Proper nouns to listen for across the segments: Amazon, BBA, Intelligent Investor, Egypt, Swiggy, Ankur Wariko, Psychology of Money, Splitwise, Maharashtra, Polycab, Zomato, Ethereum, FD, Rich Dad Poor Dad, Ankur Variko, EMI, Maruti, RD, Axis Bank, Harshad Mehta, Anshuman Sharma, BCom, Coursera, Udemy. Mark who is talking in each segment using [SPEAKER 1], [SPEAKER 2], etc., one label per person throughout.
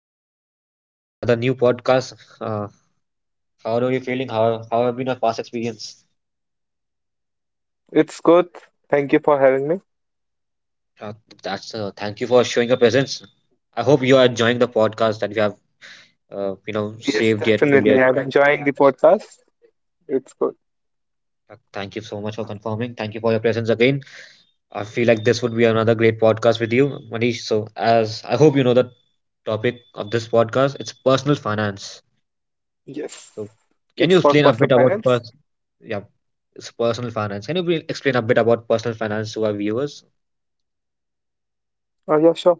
[SPEAKER 1] the podcast. Yet another new podcast. Uh, how are you feeling? How have been your past experience?
[SPEAKER 2] It's good. Thank you for having me.
[SPEAKER 1] Uh, that's Thank you for showing your presence. I hope you are enjoying the podcast that you have uh, you know
[SPEAKER 2] Yes,
[SPEAKER 1] saved yet till yet.
[SPEAKER 2] definitely. I'm so enjoying the podcast. It's good.
[SPEAKER 1] Thank you so much for confirming. Thank you for your presence again. I feel like this would be another great podcast with you, Manish. So as I hope you know the topic of this podcast, it's personal finance.
[SPEAKER 2] Yes.
[SPEAKER 1] So, can
[SPEAKER 2] It's
[SPEAKER 1] you
[SPEAKER 2] for
[SPEAKER 1] explain a
[SPEAKER 2] personal
[SPEAKER 1] bit about
[SPEAKER 2] finance.
[SPEAKER 1] yeah, it's personal finance? Can you please explain a bit about personal finance to our viewers?
[SPEAKER 2] Yeah, sure.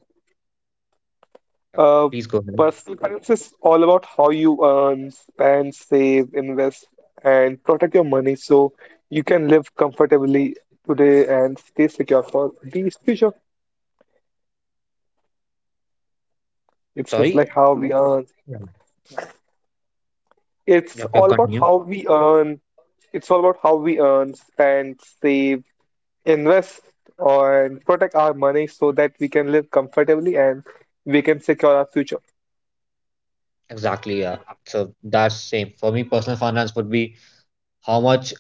[SPEAKER 1] Yeah,
[SPEAKER 2] Uh,
[SPEAKER 1] please go ahead.
[SPEAKER 2] Personal finance is all about how you earn, spend, save, invest, and protect your money so you can live comfortably today and stay secure for the future. It's just
[SPEAKER 1] Sorry,
[SPEAKER 2] like how we earn.
[SPEAKER 1] yeah,
[SPEAKER 2] It's
[SPEAKER 1] yeah,
[SPEAKER 2] all about
[SPEAKER 1] continue.
[SPEAKER 2] how we earn. It's all about how we earn, spend, save, invest and protect our money so that we can live comfortably and we can secure our future.
[SPEAKER 1] Exactly, yeah. So that's same for me. Personal finance would be how much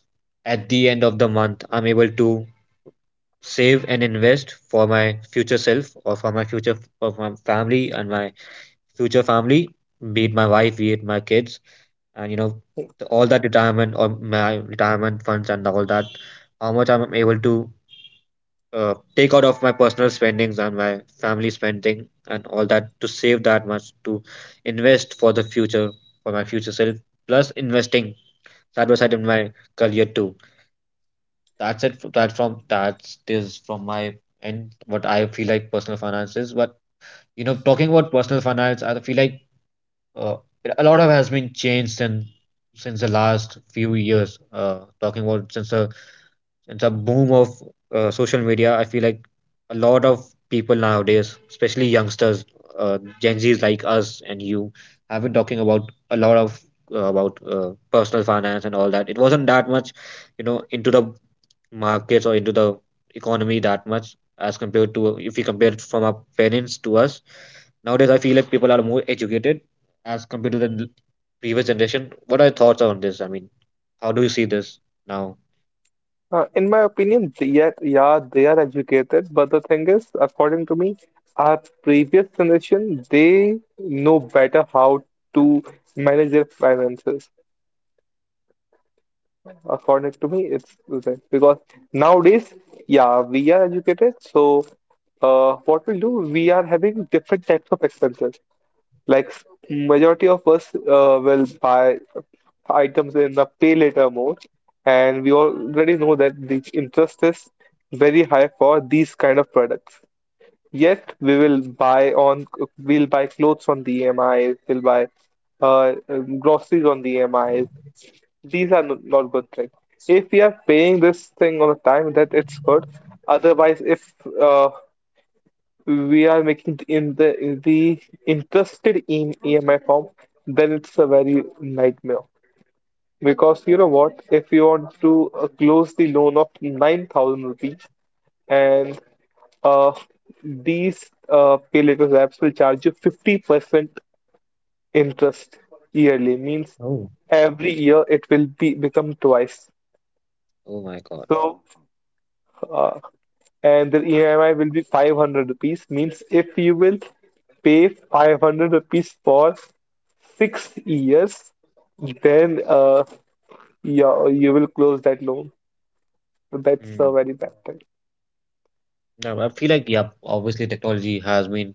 [SPEAKER 1] at the end of the month I'm able to save and invest for my future self or for my future for my family and my future family, be it my wife, be it my kids and all that retirement or my retirement funds and all that how much I'm able to take out of my personal spendings and my family spending and all that to save that much to invest for the future for my future self plus investing side by side in my career too. That's it f- that from that is from my end what I feel like personal finances. But you know, talking about personal finance, I feel like uh, a lot of has been changed since the last few years. Talking about since the boom of social media, I feel like a lot of people nowadays, especially youngsters, Gen Zs like us and you, have been talking about a lot of about personal finance and all that. It wasn't that much, you know, into the markets or into the economy that much as compared to if we compare it from our parents to us. Nowadays, I feel like people are more educated as compared to the previous generation. What are your thoughts on this? I mean, how do you see this now?
[SPEAKER 2] In my opinion, they are, yeah, they are educated, but the thing is, according to me, our previous generation, they know better how to manage their finances. According to me, it's that because nowadays, yeah, we are educated, so what we'll do, we are having different types of expenses. Like majority of us will buy items in the pay later mode, and we already know that the interest is very high for these kind of products. Yet we will buy on we'll buy clothes on the EMI, we'll buy groceries on the EMI. These are not good things. If we are paying this thing on a time, that it's good. Otherwise, if uh, we are making the interested in EMI form, then it's a very nightmare. Because you know what, if you want to close the loan of 9,000 rupees and uh, these pay later apps will charge you 50% interest yearly, means
[SPEAKER 1] Oh.
[SPEAKER 2] every year it will be become twice.
[SPEAKER 1] Oh my God.
[SPEAKER 2] So, uh, and the EMI will be 500 rupees, means if you will pay 500 rupees for 6 years, then you will close that loan. That's
[SPEAKER 1] Hmm.
[SPEAKER 2] a very bad thing.
[SPEAKER 1] Now, I feel like, yeah, obviously technology has been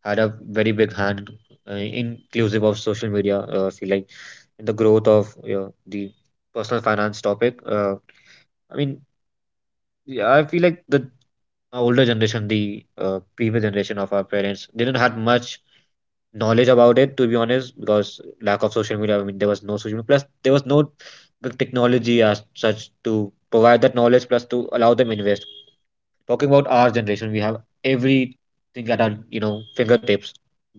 [SPEAKER 1] had a very big hand, inclusive of social media. I feel like in the growth of, you know, the personal finance topic. I mean, yeah, I feel like the older generation, the previous generation of our parents, didn't had much knowledge about it, to be honest, because lack of social media. I mean, there was no social media, plus there was no big technology as such to provide that knowledge, plus to allow them invest. Talking about our generation, we have everything at our, you know, fingertips,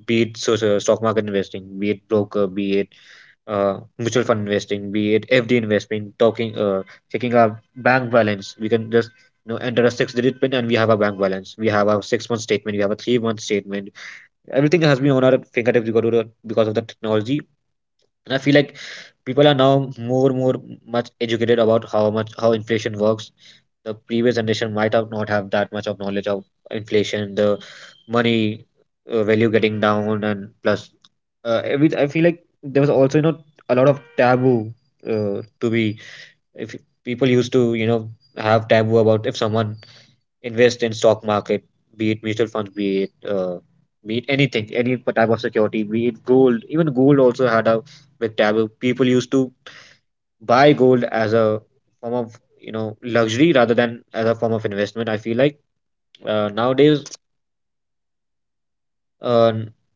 [SPEAKER 1] be it stock market investing, be it broker, be it mutual fund investing, be it FD investment. Talking checking our bank balance, we can just, you know, enter a six digit pin and we have our bank balance, we have our 6 month statement, we have a 3 month statement. Everything has been on our fingertips because of the technology. And I feel like people are now more much educated about how much how inflation works. The previous generation might have not have that much of knowledge of inflation, the money value getting down, and plus every I feel like there was also, you know, a lot of taboo to be if people used to, you know, have taboo about if someone invest in stock market, be it mutual funds, be it anything, any type of security, be it gold. Even gold also had a big taboo. People used to buy gold as a form of, you know, luxury rather than as a form of investment. I feel like nowadays Uh,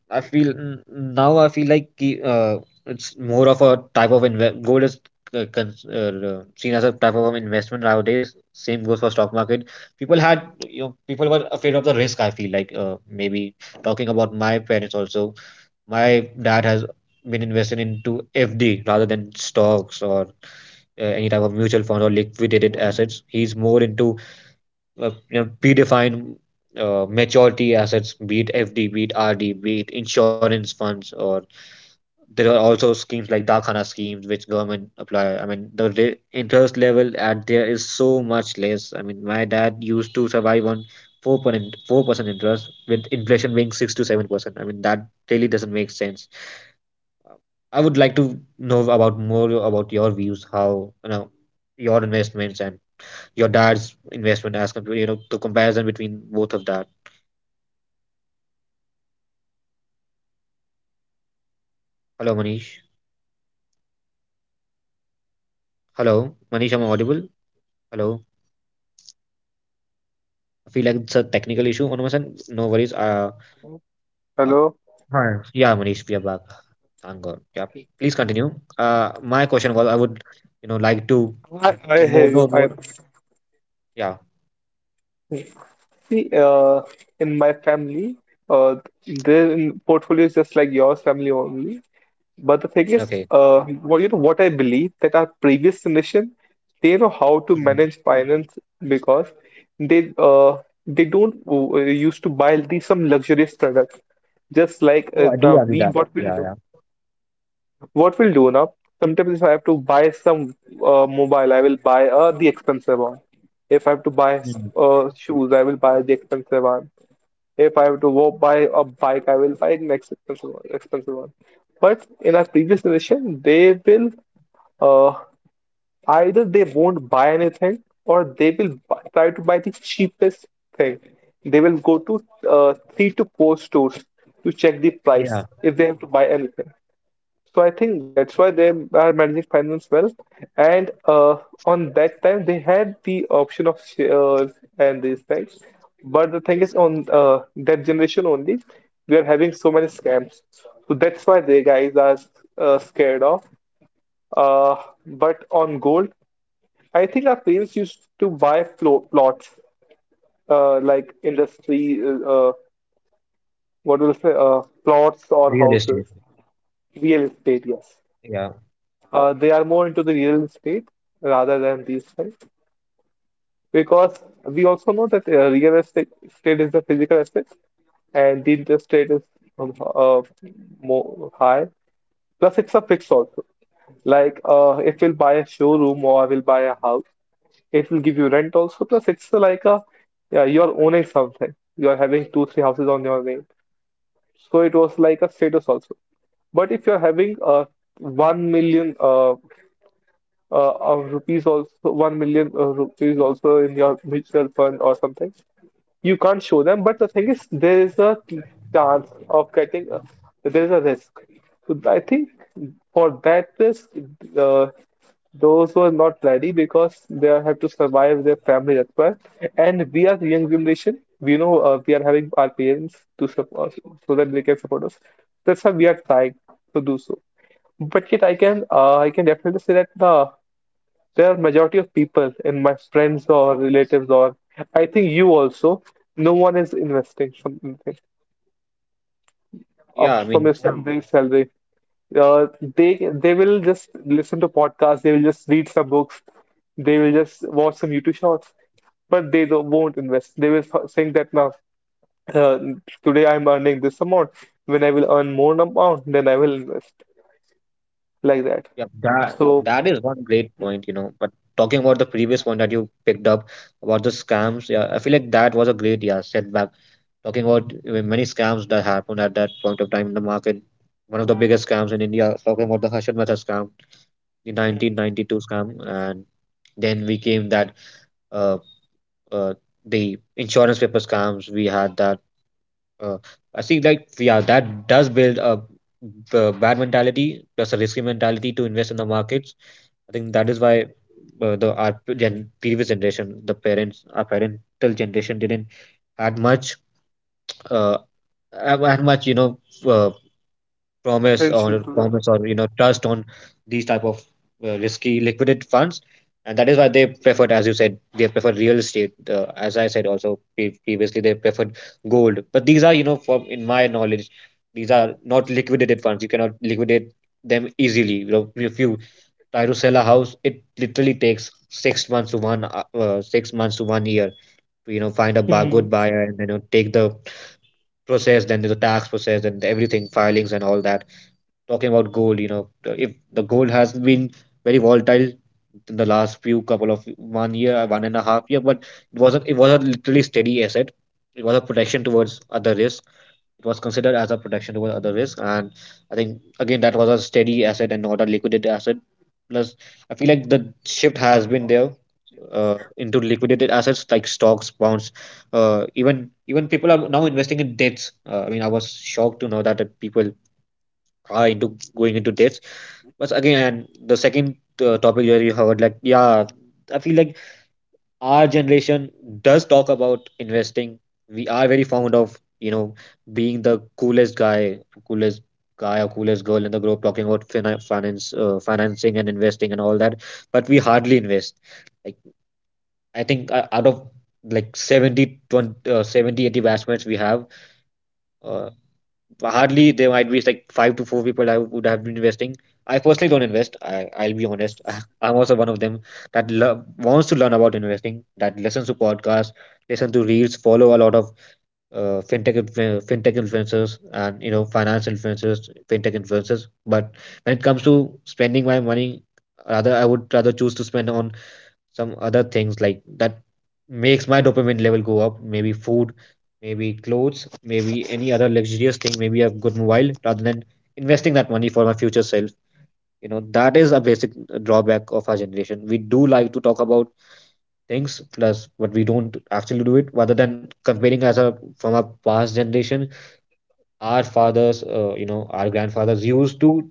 [SPEAKER 1] I feel n- now I feel like it's more of a type of invest. Gold is seen as a type of an investment nowadays. Same goes for stock market. People had, you know, people were afraid of the risk. I feel like maybe talking about my parents also. My dad has been invested into FD rather than stocks or any type of mutual fund or liquidated assets. He's more into you know, predefine maturity assets, be it FD, be it RD, be it insurance funds, or there are also schemes like Dakhana schemes which government apply. I mean, the interest level at there is so much less. I mean, my dad used to survive on 4% interest with inflation being 6 to 7%. I mean, that really doesn't make sense. I would like to know about more about your views, how, you know, your investments and your dad's investment as compared, you know, the comparison between both of that. Hello, Manish. Hello, Manish. I'm audible. Hello. I feel like it's a technical issue on my end. No worries. Uh,
[SPEAKER 2] Hello?
[SPEAKER 1] Hi. Yeah, Manish, we are back. Thank God. Yeah. Please continue. My question was, I would, you know, like to
[SPEAKER 2] I
[SPEAKER 1] more,
[SPEAKER 2] hear
[SPEAKER 1] no
[SPEAKER 2] you. I
[SPEAKER 1] more. Yeah.
[SPEAKER 2] see. In my family, uh, their portfolio is just like yours, family only. But the thing is,
[SPEAKER 1] Okay.
[SPEAKER 2] what you know, what I believe that our previous generation, they know how to
[SPEAKER 1] Hmm.
[SPEAKER 2] manage finance because they uh they don't used to buy these some luxurious products. Just like
[SPEAKER 1] No, I do
[SPEAKER 2] now
[SPEAKER 1] agree
[SPEAKER 2] we
[SPEAKER 1] that.
[SPEAKER 2] what we'll
[SPEAKER 1] Yeah, yeah.
[SPEAKER 2] do. What we'll do now, sometimes if I have to buy some mobile, I will buy the expensive one. If I have to buy
[SPEAKER 1] Hmm.
[SPEAKER 2] shoes, I will buy the expensive one. If I have to go buy a bike, I will buy an expensive one, expensive one. But in our previous generation, they will uh, either they won't buy anything or they will bu try to buy the cheapest thing. They will go to three to four stores to check the price
[SPEAKER 1] Yeah.
[SPEAKER 2] if they have to buy anything. So I think that's why they are managing finance well. And on that time, they had the option of shares and these things. But the thing is, on that generation only, we are having so many scams. So that's why they guys are scared of. Uh, but on gold, I think our parents used to buy plots, like industry, what will say, plots or
[SPEAKER 1] Real estate.
[SPEAKER 2] houses, real estate, yes.
[SPEAKER 1] Yeah.
[SPEAKER 2] They are more into the real estate rather than these things because we also know that real estate is the physical asset and the interest rate is um, uh, more high. Plus, it's a fix also. Like if we'll buy a showroom or we'll buy a house, it will give you rent also. Plus, it's like a yeah, you're owning something. You're having two, three houses on your name. So it was like a status also. But if you're having 1 million of rupees also 1 million rupees also in your mutual fund or something, you can't show them, but the thing is there is a chance of getting a, there is a risk. So I think for that risk, uh, those were not ready because they have to survive their family. That's why, and we are the young generation. We know we are having our parents to support us, so that they can support us. That's why we are trying to do so. But yet I can definitely say that there are majority of people in my friends or relatives or I think you also, no one is investing something
[SPEAKER 1] Yeah,
[SPEAKER 2] up
[SPEAKER 1] I
[SPEAKER 2] from
[SPEAKER 1] mean,
[SPEAKER 2] your Yeah. salary. Uh, they they will just listen to podcasts, they will just read some books, they will just watch some YouTube shorts, but they don't, won't invest. They will think that now uh, today I'm earning this amount. When I will earn more amount, then I will invest like that.
[SPEAKER 1] Yeah, that
[SPEAKER 2] So,
[SPEAKER 1] that is one great point, you know. But talking about the previous point that you picked up about the scams, yeah, I feel like that was a great yeah setback. Talking about many scams that happened at that point of time in the market, one of the biggest scams in India. Talking about the Harshad Mehta scam, the
[SPEAKER 2] mm,
[SPEAKER 1] 1992 scam, and then we came that uh, uh the insurance paper scams. We had that. Uh, I think like yeah, that does build a bad mentality plus a risky mentality to invest in the markets. I think that is why the our gen previous generation, the parents, our parental generation didn't had much uh had much, you know, uh,
[SPEAKER 2] attention to that.
[SPEAKER 1] promise or, you know, trust on these type of risky liquidity funds. And that is why they preferred, as you said, they prefer real estate. As I said also pre- Previously they preferred gold, but these are, you know, from in my knowledge these are not liquidated funds. You cannot liquidate them easily, you know. If you try to sell a house, it literally takes 6 months to one 6 months to 1 year to, you know, find a
[SPEAKER 2] Hmm.
[SPEAKER 1] good buyer and, you know, take the process, then the tax process and everything filings and all that. Talking about gold, you know, if the gold has been very volatile in the last few couple of 1 year, one and a half year, but it wasn't. It was a literally steady asset. It was a protection towards other risk. It was considered as a protection towards other risk, and I think again that was a steady asset and not a liquidated asset. Plus, I feel like the shift has been there into liquidated assets like stocks, bonds. Even people are now investing in debts. I mean, I was shocked to know that people into going into dates. But again, the second topic that you covered, like yeah, I feel like our generation does talk about investing. We are very fond of, you know, being the coolest guy or coolest girl in the group, talking about finance, financing and investing and all that. But we hardly invest. Like I think out of like 70, 20, 70, 80 batchmates we have. uh, Hardly there might be like five to four people I would have been investing. I personally don't invest. I'll be honest. I'm also one of them that wants to learn about investing, that listens to podcasts, listen to reels, follow a lot of fintech influencers and, you know, finance influencers, fintech influencers. But when it comes to spending my money, rather I would rather choose to spend on some other things like that makes my dopamine level go up, maybe food, maybe clothes, maybe any other luxurious thing, maybe a good mobile, rather than investing that money for my future self. You know, that is a basic drawback of our generation. We do like to talk about things plus, but we don't actually do it, rather than comparing as a from our past generation. Our fathers, you know, our grandfathers used to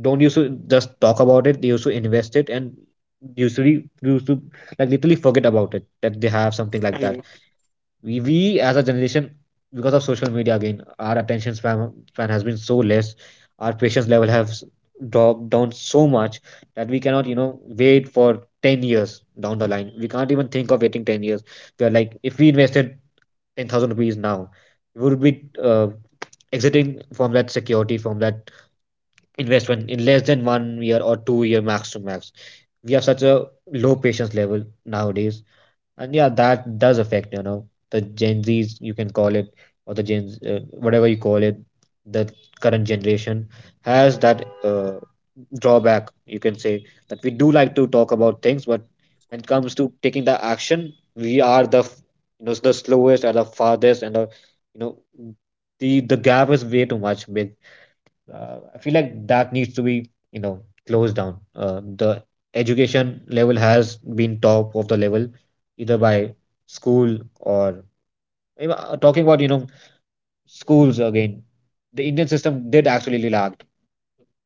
[SPEAKER 1] don't used to just talk about it. They used to invest it and usually used to like literally forget about it that they have something like that. We as a generation, because of social media again, our attention span has been so less. Our patience level has dropped down so much that we cannot wait for 10 years down the line. We can't even think of waiting 10 years. We are like, if we invested 10,000 rupees now, we would be exiting from that security, from that investment in less than 1 year or 2 year max to max. We have such a low patience level nowadays, and yeah, that does affect the Gen Zs, you can call it, or the Gen Z, whatever you call it, the current generation has that drawback, you can say, that we do like to talk about things, but when it comes to taking the action, we are the f- you know the slowest or the farthest, and the you know the gap is way too much big. I feel like that needs to be, closed down. The education level has been top of the level, either by school or even, talking about, schools again. The Indian system did actually lack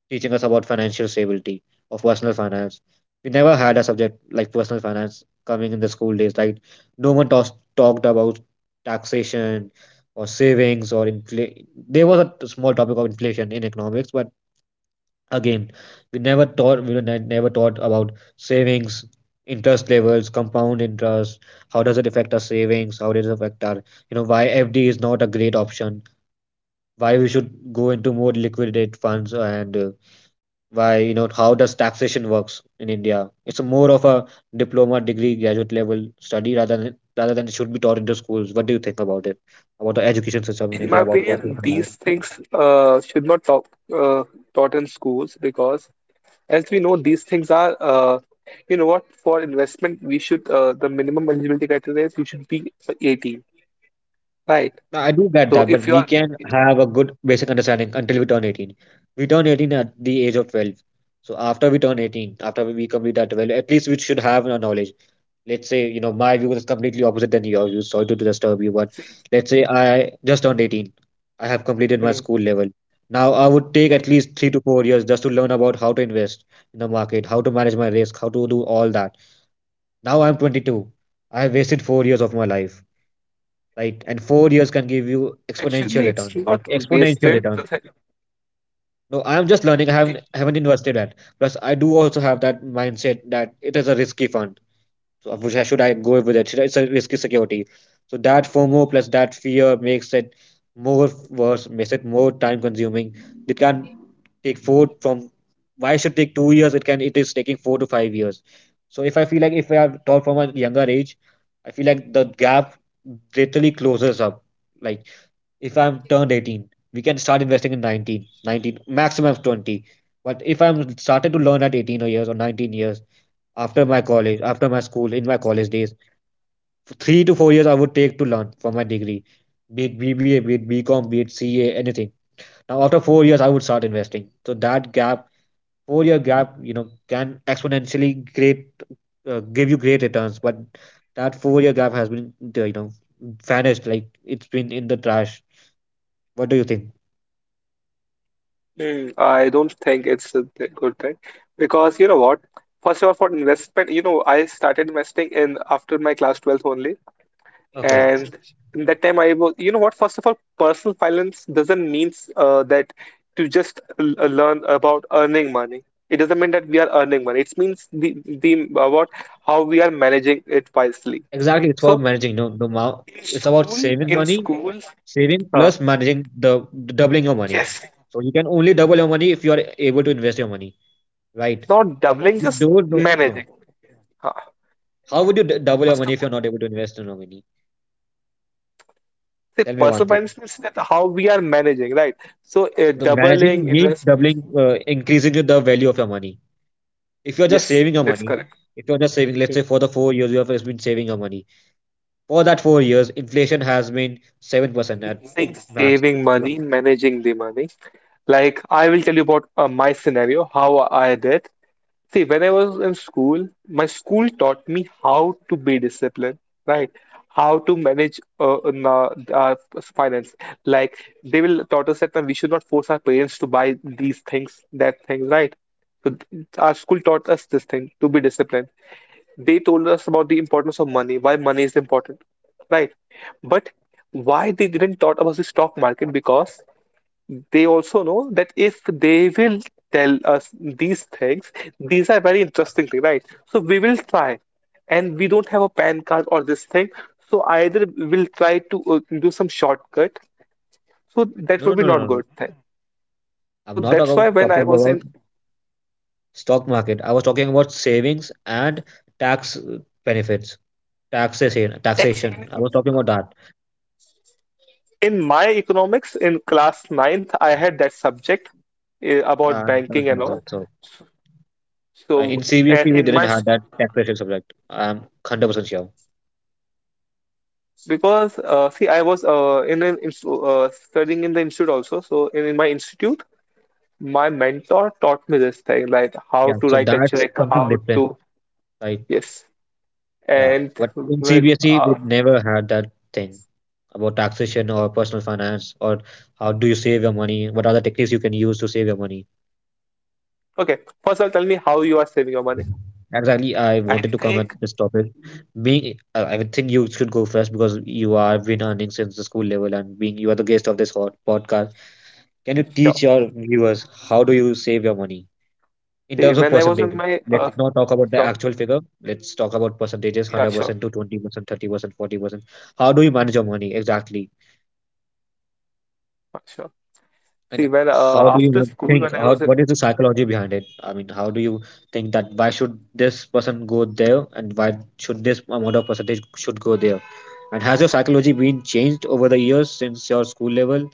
[SPEAKER 1] teaching us about financial stability of personal finance. We never had a subject like personal finance coming in the school days. Like, no one talked about taxation or savings or inflation. There was a small topic of inflation in economics, but again, we were never taught about savings, interest levels, compound interest. How does it affect our savings? How does it affect our, why FD is not a great option? Why we should go into more liquidate funds, and why, how does taxation works in India? It's a more of a diploma degree graduate level study rather than it should be taught into schools. What do you think about it? About the education system in
[SPEAKER 2] In my
[SPEAKER 1] India about personal
[SPEAKER 2] opinion,
[SPEAKER 1] finance?
[SPEAKER 2] these things should not talk uh, taught in schools because, as we know, these things are, you know what, for investment, we should, the minimum eligibility criteria is you should be 18, right?
[SPEAKER 1] I do get
[SPEAKER 2] So
[SPEAKER 1] that, but
[SPEAKER 2] if you
[SPEAKER 1] we
[SPEAKER 2] are,
[SPEAKER 1] can
[SPEAKER 2] you know,
[SPEAKER 1] have a good basic understanding until we turn 18. We turn 18 at the age of 12. So after we turn 18, after we complete that 12, at least we should have a knowledge. Let's say, my view is completely opposite than yours. You sorry to disturb you, but
[SPEAKER 2] see,
[SPEAKER 1] let's say I just turned 18. I have completed my
[SPEAKER 2] hmm,
[SPEAKER 1] school level. Now I would take at
[SPEAKER 2] hmm.
[SPEAKER 1] least 3 to 4 years just to learn about how to invest in the market, how to manage my risk, how to do all that. Now I'm 22. I have wasted 4 years of my life, right? And 4 years can give you exponential
[SPEAKER 2] Actually, it's
[SPEAKER 1] return, like
[SPEAKER 2] not
[SPEAKER 1] exponential
[SPEAKER 2] wasted.
[SPEAKER 1] return. No, I am just learning. I haven't invested yet. Plus, I do also have that mindset that it is a risky fund. So, which I should I go with it? It's a risky security. So that FOMO plus that fear makes it more worse, makes it more time consuming. It can take four from why it should take 2 years. It is taking 4 to 5 years. So if I feel like if I have taught from a younger age, I feel like the gap literally closes up, like if I'm turned 18, we can start investing in 19, maximum of 20. But if I'm started to learn at 18 years or 19 years, after my college, after my school, in my college days, 3 to 4 years I would take to learn for my degree, be it BBA, be it BCom, be it CA, anything. Now after 4 years I would start investing. So that gap, 4 year gap, can exponentially great, give you great returns. But that 4 year gap has been, vanished. Like it's been in the trash. What do you think?
[SPEAKER 2] Hmm, I don't think it's a good thing because you know what? First of all, for investment, you know, I started investing in after my class 12th only.
[SPEAKER 1] Okay.
[SPEAKER 2] And in that time, I was, you know what? First of all, personal finance doesn't mean that to just learn about earning money. It doesn't mean that we are earning money. It means the about how we are managing it wisely.
[SPEAKER 1] Exactly, it's about
[SPEAKER 2] So
[SPEAKER 1] managing. No, no, ma- It's about saving
[SPEAKER 2] in
[SPEAKER 1] money,
[SPEAKER 2] school,
[SPEAKER 1] saving
[SPEAKER 2] uh,
[SPEAKER 1] plus managing the doubling your money.
[SPEAKER 2] yes,
[SPEAKER 1] So you can only double your money if you are able to invest your money, right?
[SPEAKER 2] not doubling,
[SPEAKER 1] If you
[SPEAKER 2] just
[SPEAKER 1] don't know, no.
[SPEAKER 2] managing. Uh,
[SPEAKER 1] How would you d double your
[SPEAKER 2] First
[SPEAKER 1] money
[SPEAKER 2] of
[SPEAKER 1] if
[SPEAKER 2] all,
[SPEAKER 1] you're not able to invest in your money?
[SPEAKER 2] the
[SPEAKER 1] Tell me one
[SPEAKER 2] personal
[SPEAKER 1] thing.
[SPEAKER 2] finance means that how we are managing, right? So
[SPEAKER 1] The
[SPEAKER 2] doubling
[SPEAKER 1] managing means
[SPEAKER 2] investments,
[SPEAKER 1] doubling, increasing the value of your money. If you're just
[SPEAKER 2] yes,
[SPEAKER 1] saving your
[SPEAKER 2] that's
[SPEAKER 1] money,
[SPEAKER 2] correct.
[SPEAKER 1] if you're just saving, let's
[SPEAKER 2] Hmm.
[SPEAKER 1] say for the 4 years you have just been saving your money. For that 4 years, inflation has been 7% at
[SPEAKER 2] Saying
[SPEAKER 1] max.
[SPEAKER 2] saving money, managing the money. Like, I will tell you about my scenario, how I did. See, when I was in school, my school taught me how to be disciplined, right? How to manage finance. Like, they will taught us that we should not force our parents to buy these things, that things, right? So, our school taught us this thing to be disciplined. They told us about the importance of money, why money is important, right? But why they didn't taught about the stock market? Because they also know that if they will tell us these things, these are very interesting things, right? So we will try, and we don't have a PAN card or this thing. So either we'll try to do some shortcut. So that
[SPEAKER 1] No,
[SPEAKER 2] will
[SPEAKER 1] no,
[SPEAKER 2] be
[SPEAKER 1] no, no,
[SPEAKER 2] not
[SPEAKER 1] no.
[SPEAKER 2] good
[SPEAKER 1] no.
[SPEAKER 2] thing. So
[SPEAKER 1] I'm
[SPEAKER 2] that's
[SPEAKER 1] not
[SPEAKER 2] why
[SPEAKER 1] talking
[SPEAKER 2] when I
[SPEAKER 1] talking
[SPEAKER 2] was in
[SPEAKER 1] about stock market. I was talking about savings and tax benefits,
[SPEAKER 2] actually
[SPEAKER 1] taxation. I was talking about that.
[SPEAKER 2] in my economics in class ninth, I had that subject about
[SPEAKER 1] Not
[SPEAKER 2] banking and all.
[SPEAKER 1] myself. So in
[SPEAKER 2] So and
[SPEAKER 1] CBSE we
[SPEAKER 2] in
[SPEAKER 1] didn't
[SPEAKER 2] my
[SPEAKER 1] have
[SPEAKER 2] school,
[SPEAKER 1] that taxation subject. I'm 100% sure.
[SPEAKER 2] because see, I was in an instu- studying in the institute also. So in my institute, my mentor taught me this thing, like how
[SPEAKER 1] Yeah,
[SPEAKER 2] to
[SPEAKER 1] so
[SPEAKER 2] write a
[SPEAKER 1] that's
[SPEAKER 2] check,
[SPEAKER 1] something
[SPEAKER 2] how
[SPEAKER 1] different,
[SPEAKER 2] to
[SPEAKER 1] right?
[SPEAKER 2] yes.
[SPEAKER 1] Yeah,
[SPEAKER 2] And
[SPEAKER 1] but in
[SPEAKER 2] when
[SPEAKER 1] CBSE we never had that thing about taxation or personal finance or how do you save your money? What are the techniques you can use to save your money?
[SPEAKER 2] okay, first I'll tell me how you are saving your money.
[SPEAKER 1] Exactly, I
[SPEAKER 2] I
[SPEAKER 1] wanted to come at
[SPEAKER 2] think
[SPEAKER 1] this topic. Being, I would think you should go first because you are been earning since the school level, and being you are the guest of this hot podcast. Can you
[SPEAKER 2] sure.
[SPEAKER 1] teach your viewers how do you save your money in
[SPEAKER 2] See,
[SPEAKER 1] terms of
[SPEAKER 2] when I was in
[SPEAKER 1] percentage?
[SPEAKER 2] my
[SPEAKER 1] Let's not talk about the
[SPEAKER 2] sure,
[SPEAKER 1] actual figure. Let's talk about percentages:
[SPEAKER 2] yeah,
[SPEAKER 1] hundred
[SPEAKER 2] sure,
[SPEAKER 1] percent to 20%, 30%, 40%. How do you manage your money exactly?
[SPEAKER 2] sure. See,
[SPEAKER 1] And
[SPEAKER 2] when
[SPEAKER 1] how do you
[SPEAKER 2] after
[SPEAKER 1] even
[SPEAKER 2] school,
[SPEAKER 1] think?
[SPEAKER 2] when I
[SPEAKER 1] How,
[SPEAKER 2] was in
[SPEAKER 1] what is the psychology behind it? I mean, how do you think that why should this person go there and why should this amount of percentage should go there? And has your psychology been changed over the years since your school level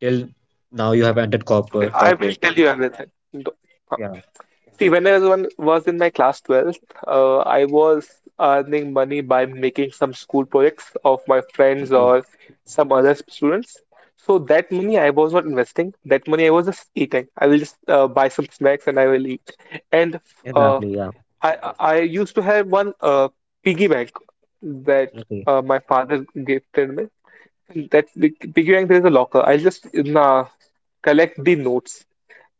[SPEAKER 1] till now you have entered
[SPEAKER 2] okay,
[SPEAKER 1] corporate
[SPEAKER 2] I will
[SPEAKER 1] corporate?
[SPEAKER 2] tell you everything.
[SPEAKER 1] Yeah.
[SPEAKER 2] See, when I was was in my class 12th, I was earning money by making some school projects of my friends
[SPEAKER 1] Okay.
[SPEAKER 2] or some other students. So that money I was not investing. That money I was just eating. I will just buy some snacks and I will eat. And uh,
[SPEAKER 1] Exactly. Yeah.
[SPEAKER 2] I used to have one piggy bank that
[SPEAKER 1] Okay.
[SPEAKER 2] my father gifted me. That piggy bank there is a locker. I'll just collect the notes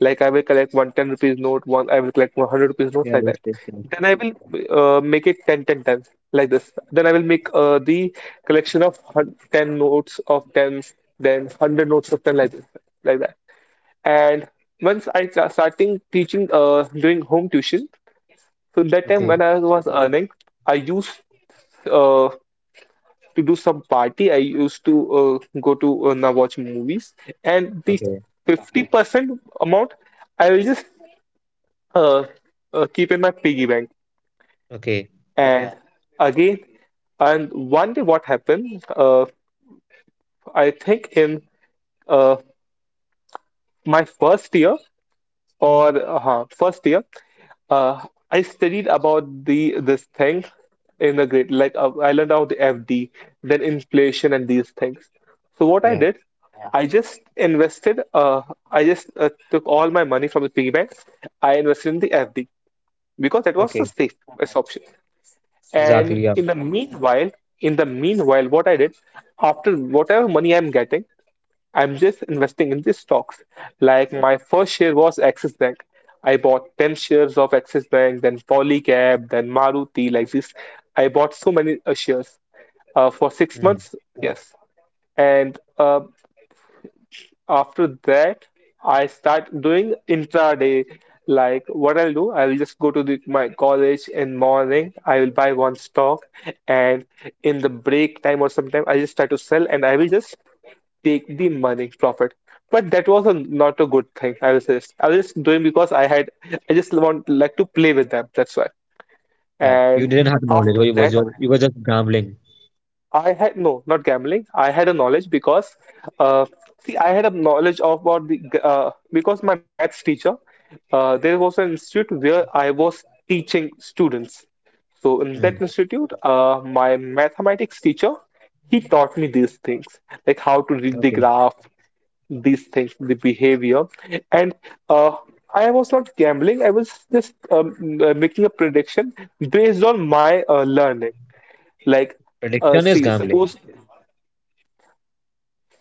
[SPEAKER 2] like I will collect 1 10 rupees note, one I will collect 100 rupees notes
[SPEAKER 1] Yeah.
[SPEAKER 2] like that.
[SPEAKER 1] Yes, yes, yes.
[SPEAKER 2] Then I will make it 10 10 times like this. Then I will make the collection of 10 notes of 10, then 100 notes of 10 like this, like that. And once I starting teaching doing home tuition, so that time when
[SPEAKER 1] Okay.
[SPEAKER 2] I was earning, I used uh, to do some party. I used to go to now watch movies, and the
[SPEAKER 1] Okay.
[SPEAKER 2] 50% amount I will just uh, keep in my piggy bank.
[SPEAKER 1] Okay.
[SPEAKER 2] And Yeah. again, and one day what happened, I think in uh, my first year, uh, I studied about the this thing in the grade, like I learned about the FD, then inflation and these things. So what I
[SPEAKER 1] Yeah.
[SPEAKER 2] did, Yeah. I just invested. I just took all my money from the piggy bank. I invested in the FD because that was the
[SPEAKER 1] Okay.
[SPEAKER 2] safest Okay. option. And
[SPEAKER 1] Exactly. Yeah.
[SPEAKER 2] in the meanwhile, what I did after whatever money I'm getting, I'm just investing in these stocks. Like my first share was Axis Bank. I bought 10 shares of Axis Bank, then Polycab, then Maruti, like this. I bought so many shares for six
[SPEAKER 1] Hmm.
[SPEAKER 2] months. Yes. And after that, I start doing intraday. Like what I'll do, I'll just go to my college in morning. I will buy one stock, and in the break time or sometime, I just try to sell, and I will just take the money profit. But that was a, not a good thing. I was just doing because I had. I just want like to play with them. That's why.
[SPEAKER 1] Yeah. You
[SPEAKER 2] And
[SPEAKER 1] didn't have knowledge.
[SPEAKER 2] after
[SPEAKER 1] You
[SPEAKER 2] that,
[SPEAKER 1] was your You were just gambling.
[SPEAKER 2] I had no, not gambling. I had a knowledge because, uh, see, I had a knowledge of about the because my maths teacher, there was an institute where I was teaching students. So in that
[SPEAKER 1] Hmm.
[SPEAKER 2] institute, my mathematics teacher, he taught me these things, like how to read the
[SPEAKER 1] Okay.
[SPEAKER 2] graph, these things, the behavior, and uh, I was not gambling. I was just making a prediction based on my learning, like.
[SPEAKER 1] Prediction is
[SPEAKER 2] See,
[SPEAKER 1] gambling.
[SPEAKER 2] suppose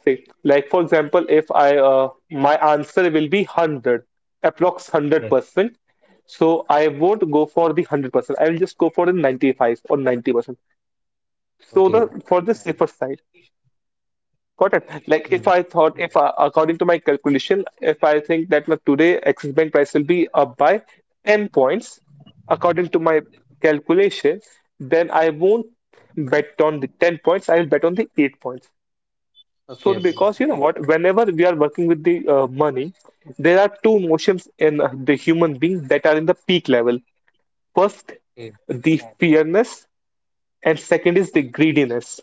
[SPEAKER 2] Like, like for example, if I my answer will be 100, approx 100%. So I won't go for the 100%. I will just go for the 95 or 90%. So
[SPEAKER 1] Okay.
[SPEAKER 2] the for the safer side. Got it. Like if
[SPEAKER 1] Hmm.
[SPEAKER 2] I thought if I, according to my calculation, if I think that my today Axis Bank price will be up by 10 points, according to my calculation, then I won't bet on the 10 points. I will bet on the 8 points. So,
[SPEAKER 1] Okay. Okay.
[SPEAKER 2] because you know what, whenever we are working with the money, there are two emotions in the human being that are in the peak level. First,
[SPEAKER 1] Okay.
[SPEAKER 2] the fearness, and second is the greediness.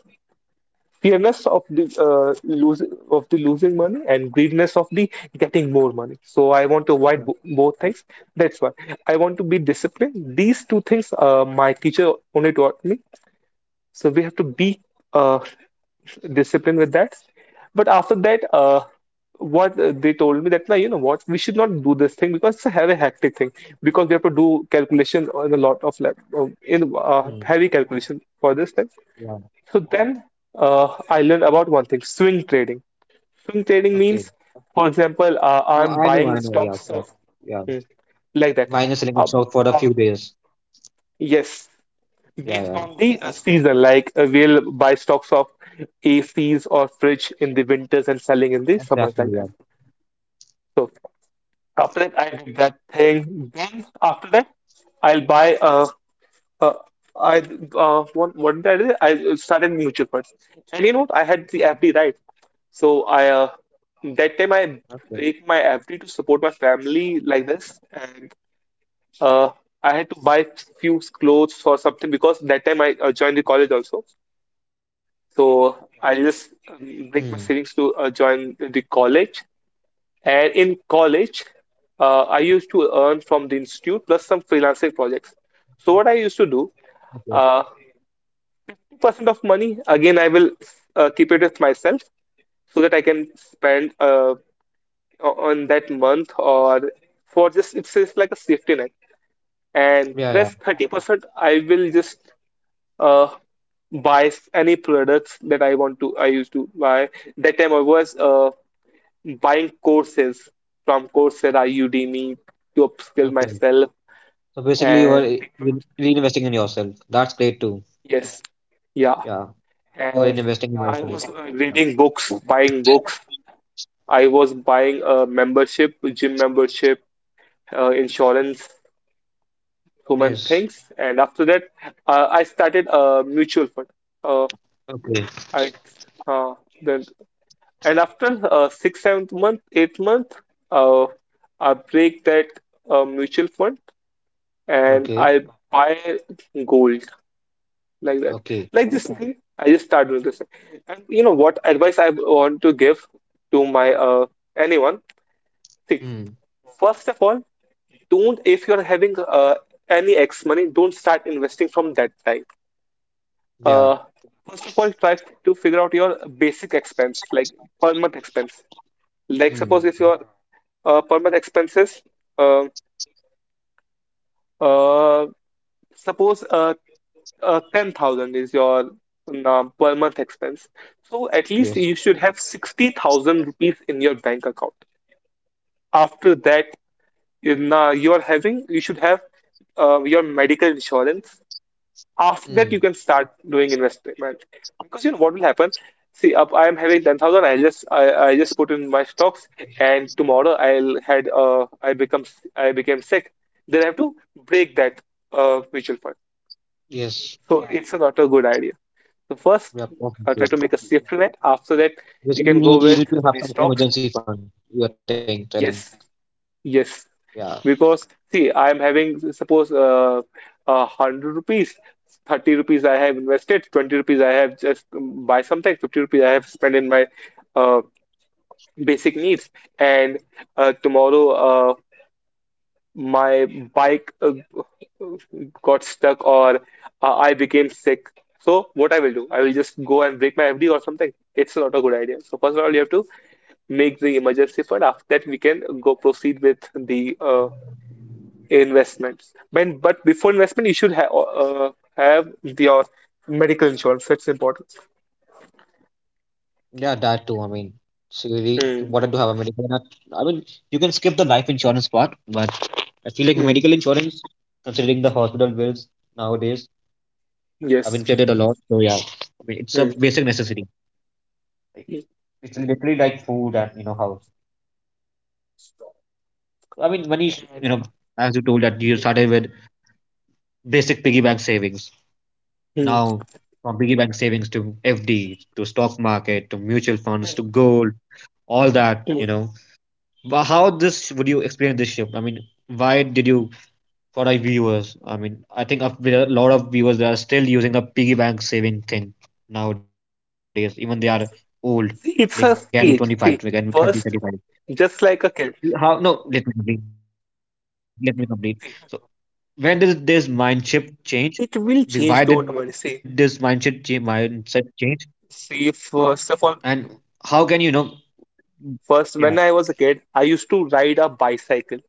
[SPEAKER 2] Fearness of the lose of the losing money and greediness of the getting more money. So I want to avoid
[SPEAKER 1] Yeah.
[SPEAKER 2] bo both things. That's why I want to be disciplined. These two things, my teacher only taught me. So we have to be uh, discipline with that. But after that, what they told me that, like, you know what, we should not do this thing because it's a very hectic thing because we have to do calculation on a lot of lab, in
[SPEAKER 1] Hmm.
[SPEAKER 2] heavy calculation for this thing.
[SPEAKER 1] Yeah.
[SPEAKER 2] So then I learned about one thing, swing trading. Swing trading
[SPEAKER 1] Okay.
[SPEAKER 2] means, for example,
[SPEAKER 1] No,
[SPEAKER 2] I'm
[SPEAKER 1] I know.
[SPEAKER 2] buying
[SPEAKER 1] I know. Yeah,
[SPEAKER 2] stocks
[SPEAKER 1] yeah,
[SPEAKER 2] of
[SPEAKER 1] yeah.
[SPEAKER 2] Hmm, like that.
[SPEAKER 1] Minor selling of
[SPEAKER 2] Uh,
[SPEAKER 1] stock for a few days.
[SPEAKER 2] yes,
[SPEAKER 1] Yeah. Yeah.
[SPEAKER 2] on the season, like we'll buy stocks of ACs or fridge in the winters and selling in the summers
[SPEAKER 1] Exactly.
[SPEAKER 2] like that.
[SPEAKER 1] Yeah.
[SPEAKER 2] So after that, I did that thing. Then after that, I'll buy uh I what did I do? I started mutual funds, and you know what? I had the
[SPEAKER 1] Okay.
[SPEAKER 2] FD right, so I that time I break my FD to support my family like this, and uh I had to buy few clothes or something because that time I joined the college also.
[SPEAKER 1] Hmm.
[SPEAKER 2] So I just break my savings to join the college. And in college, I used to earn from the institute plus some freelancing projects. So what I used to do,
[SPEAKER 1] Okay.
[SPEAKER 2] uh, 2% of money again I will keep it with myself so that I can spend on that month or for just, it's just like a safety net. And
[SPEAKER 1] Yeah, yeah.
[SPEAKER 2] rest 30% I will just uh, buy any products that I used to buy. That time I was buying courses from Coursera, Udemy to upskill
[SPEAKER 1] Okay.
[SPEAKER 2] myself.
[SPEAKER 1] So basically, you are
[SPEAKER 2] And
[SPEAKER 1] reinvesting in yourself. That's great too.
[SPEAKER 2] yes, yeah.
[SPEAKER 1] Yeah. You are
[SPEAKER 2] And
[SPEAKER 1] investing in
[SPEAKER 2] I
[SPEAKER 1] yourself.
[SPEAKER 2] was
[SPEAKER 1] Yeah.
[SPEAKER 2] reading books, buying books. I was buying a membership, gym membership, insurance, human
[SPEAKER 1] Yes.
[SPEAKER 2] things. And after that, I started a mutual fund. Uh,
[SPEAKER 1] Okay.
[SPEAKER 2] I uh, then and after six, seventh month, eighth month, uh, I break that mutual fund and
[SPEAKER 1] Okay.
[SPEAKER 2] I buy gold like that.
[SPEAKER 1] Okay.
[SPEAKER 2] Like this thing, I just start doing this thing. And you know what advice I want to give to my anyone? See,
[SPEAKER 1] Hmm.
[SPEAKER 2] first of all, don't if you're having any X money, don't start investing from that time.
[SPEAKER 1] Yeah.
[SPEAKER 2] Uh, first of all, try to figure out your basic expense, like per month expense. Like suppose
[SPEAKER 1] Hmm.
[SPEAKER 2] if your per month expenses, uh, uh, suppose 10,000 is your per month expense. So at least
[SPEAKER 1] Yes.
[SPEAKER 2] you should have 60,000 rupees in your bank account. After that, in, you are having, you should have your medical insurance. After that, you
[SPEAKER 1] Hmm.
[SPEAKER 2] can start doing investment because you know what will happen. See, up I am having 10,000. I just put in my stocks, and tomorrow I became sick. Then I have to break that mutual fund.
[SPEAKER 1] Yes.
[SPEAKER 2] So yeah, it's not a good idea. So first,
[SPEAKER 1] Yeah.
[SPEAKER 2] I try to make a safety net. After that, you
[SPEAKER 1] Basically,
[SPEAKER 2] can go with
[SPEAKER 1] you need to
[SPEAKER 2] the
[SPEAKER 1] have some
[SPEAKER 2] stocks.
[SPEAKER 1] emergency fund. You're telling, telling,
[SPEAKER 2] Yes, yes.
[SPEAKER 1] yeah,
[SPEAKER 2] Because see, I'm having suppose hundred rupees, 30 rupees I have invested, 20 rupees I have just buy something, 50 rupees I have spent in my uh, basic needs, and tomorrow uh, my bike got stuck or I became sick. So what I will do, I will just go and break my FD or something. It's not a good idea. So first of all, you have to make the emergency fund. After that, we can go proceed with the investments. But before investment, you should have your medical insurance. That's important.
[SPEAKER 1] yeah, that too. I mean, it's really
[SPEAKER 2] Hmm.
[SPEAKER 1] important to have a medical. Not, I mean, you can skip the life insurance part, but I feel like
[SPEAKER 2] Hmm.
[SPEAKER 1] medical insurance, considering the hospital bills nowadays, have
[SPEAKER 2] Yes.
[SPEAKER 1] inflated a lot. So yeah, I mean, it's a
[SPEAKER 2] Hmm.
[SPEAKER 1] basic necessity. Like,
[SPEAKER 2] Hmm.
[SPEAKER 1] it's literally like food and, house. I mean, money is,
[SPEAKER 2] And-
[SPEAKER 1] As you told that you started with basic piggy bank savings.
[SPEAKER 2] Hmm.
[SPEAKER 1] Now, from piggy bank savings to FD to stock market to mutual funds to gold, all that,
[SPEAKER 2] Hmm.
[SPEAKER 1] you know. How this would you explain this shift? I mean, why did you, for our viewers? I mean, I there are a lot of viewers that are still using a piggy bank saving thing nowadays, even they are old. They can be
[SPEAKER 2] See,
[SPEAKER 1] 25,
[SPEAKER 2] it's
[SPEAKER 1] they
[SPEAKER 2] a
[SPEAKER 1] can be 30,
[SPEAKER 2] stage.
[SPEAKER 1] 35.
[SPEAKER 2] See, first
[SPEAKER 1] See,
[SPEAKER 2] just like
[SPEAKER 1] no,
[SPEAKER 2] a
[SPEAKER 1] let me
[SPEAKER 2] kid.
[SPEAKER 1] complete. Let me complete. So, when did this mind shift change? Why did this
[SPEAKER 2] It will
[SPEAKER 1] mindset
[SPEAKER 2] change, don't
[SPEAKER 1] change?
[SPEAKER 2] worry. See,
[SPEAKER 1] And how can you
[SPEAKER 2] see,
[SPEAKER 1] know?
[SPEAKER 2] first of all,
[SPEAKER 1] Mm. Yeah,
[SPEAKER 2] first when I was a kid, I used to ride a
[SPEAKER 1] yeah,
[SPEAKER 2] bicycle,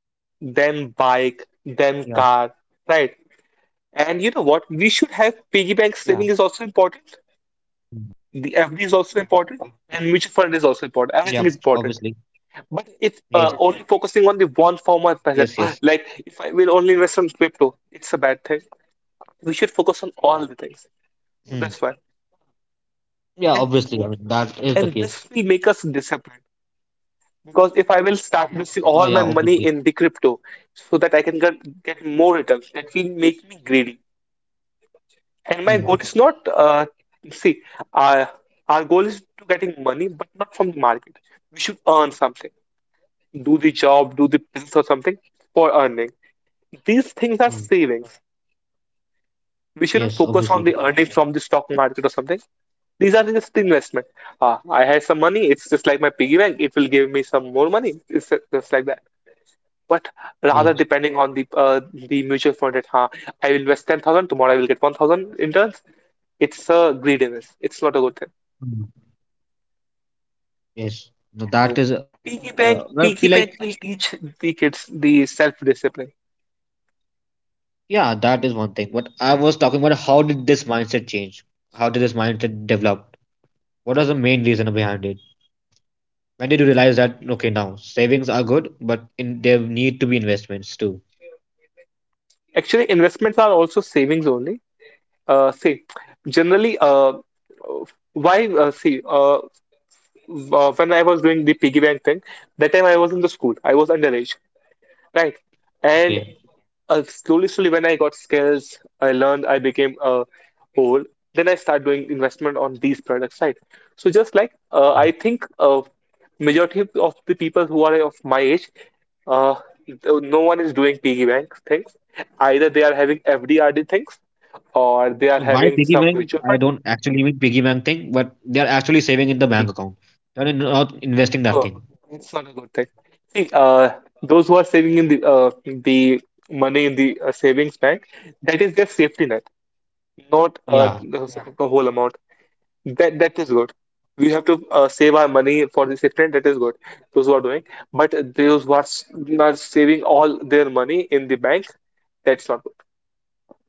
[SPEAKER 1] yeah.
[SPEAKER 2] then bike, then car, right?
[SPEAKER 1] Mm.
[SPEAKER 2] And you know what? We should have piggy bank saving is also important. The
[SPEAKER 1] Yeah,
[SPEAKER 2] FD is also
[SPEAKER 1] obviously.
[SPEAKER 2] important, and mutual fund is
[SPEAKER 1] Yes,
[SPEAKER 2] also important. Everything is important. But
[SPEAKER 1] yes,
[SPEAKER 2] if
[SPEAKER 1] yes.
[SPEAKER 2] only focusing on the one form of asset, like if I will only invest on crypto, it's a bad thing. We should
[SPEAKER 1] Mm.
[SPEAKER 2] focus on all the things. So that's
[SPEAKER 1] Yeah,
[SPEAKER 2] why.
[SPEAKER 1] obviously. I mean, that is the case.
[SPEAKER 2] And you know what? And this will make us disciplined because if
[SPEAKER 1] Oh,
[SPEAKER 2] I
[SPEAKER 1] yeah,
[SPEAKER 2] will start
[SPEAKER 1] obviously.
[SPEAKER 2] investing all my money in the crypto so that I can get more returns, that will make me greedy.
[SPEAKER 1] Mm.
[SPEAKER 2] And my goal is not, see, uh, our goal is to getting money, but not from the market. We should earn something, do the job, do the business or something for earning. These things are
[SPEAKER 1] Mm.
[SPEAKER 2] savings. We shouldn't
[SPEAKER 1] Yes,
[SPEAKER 2] focus
[SPEAKER 1] obviously.
[SPEAKER 2] on the earning from the stock market or something. These are just the investment. Ah, I have some money. It's just like my piggy bank. It will give me some more money. It's just like that, but rather
[SPEAKER 1] Yes.
[SPEAKER 2] depending on the mutual fund that huh, I will invest 10,000, tomorrow I will get 1,000 in turns. It's a greediness, it's not a good thing
[SPEAKER 1] Mm. Yes. No,
[SPEAKER 2] so
[SPEAKER 1] that is,
[SPEAKER 2] piggy
[SPEAKER 1] well, I feel
[SPEAKER 2] bank
[SPEAKER 1] like,
[SPEAKER 2] piggy bank will teach the kids the self-discipline.
[SPEAKER 1] yeah, that is one thing. What I was talking about, how did this mindset change? How did this mindset develop? What was the main reason behind it? When did you realize that, okay, now savings are good, but in there need to be investments too?
[SPEAKER 2] Actually investments are also savings only. Uh, see generally why see when I was doing the piggy bank thing, that time I was in the school, I was underage, right? And
[SPEAKER 1] Okay.
[SPEAKER 2] Slowly, slowly, when I got skills, I learned, I became a whole. Then I start doing investment on these products, right? So just like I think majority of the people who are of my age, uh, no one is doing piggy bank things. Either they are having FD/RD things or they are
[SPEAKER 1] Why
[SPEAKER 2] having
[SPEAKER 1] piggy
[SPEAKER 2] some
[SPEAKER 1] bank?
[SPEAKER 2] mutual
[SPEAKER 1] I
[SPEAKER 2] fund.
[SPEAKER 1] don't actually mean piggy bank thing, but they are actually saving in the bank account. They're not investing that thing.
[SPEAKER 2] No, it's not a good thing. See, those who are saving in the money in the savings bank, that is their safety net. Not
[SPEAKER 1] Yeah.
[SPEAKER 2] yeah, the whole amount. That is good. We have to save our money for the safety. That is good. Those who are doing, but those who are, are saving all their money in the bank, that's not good.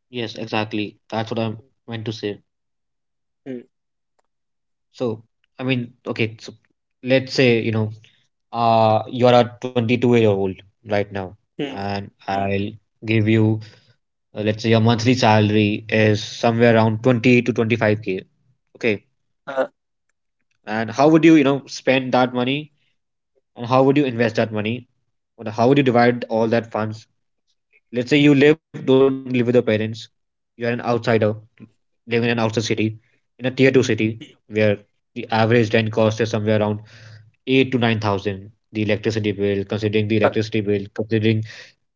[SPEAKER 1] Yes, exactly. That's what I meant to say. So, I mean, okay, so let's say, you're a 22-year-old right now,
[SPEAKER 2] Hmm. Hmm.
[SPEAKER 1] and
[SPEAKER 2] mm,
[SPEAKER 1] I'll give you, let's say, your monthly salary is somewhere around 20 to 25K. Okay.
[SPEAKER 2] uh,
[SPEAKER 1] And how would you, spend that money? And how would you invest that money? Or how would you divide all that funds? Let's say you don't live with your parents. You're an outsider living in an outside city, in a tier two city where the average rent cost is somewhere around eight to nine thousand. The electricity bill, considering the
[SPEAKER 2] uh,
[SPEAKER 1] electricity bill, considering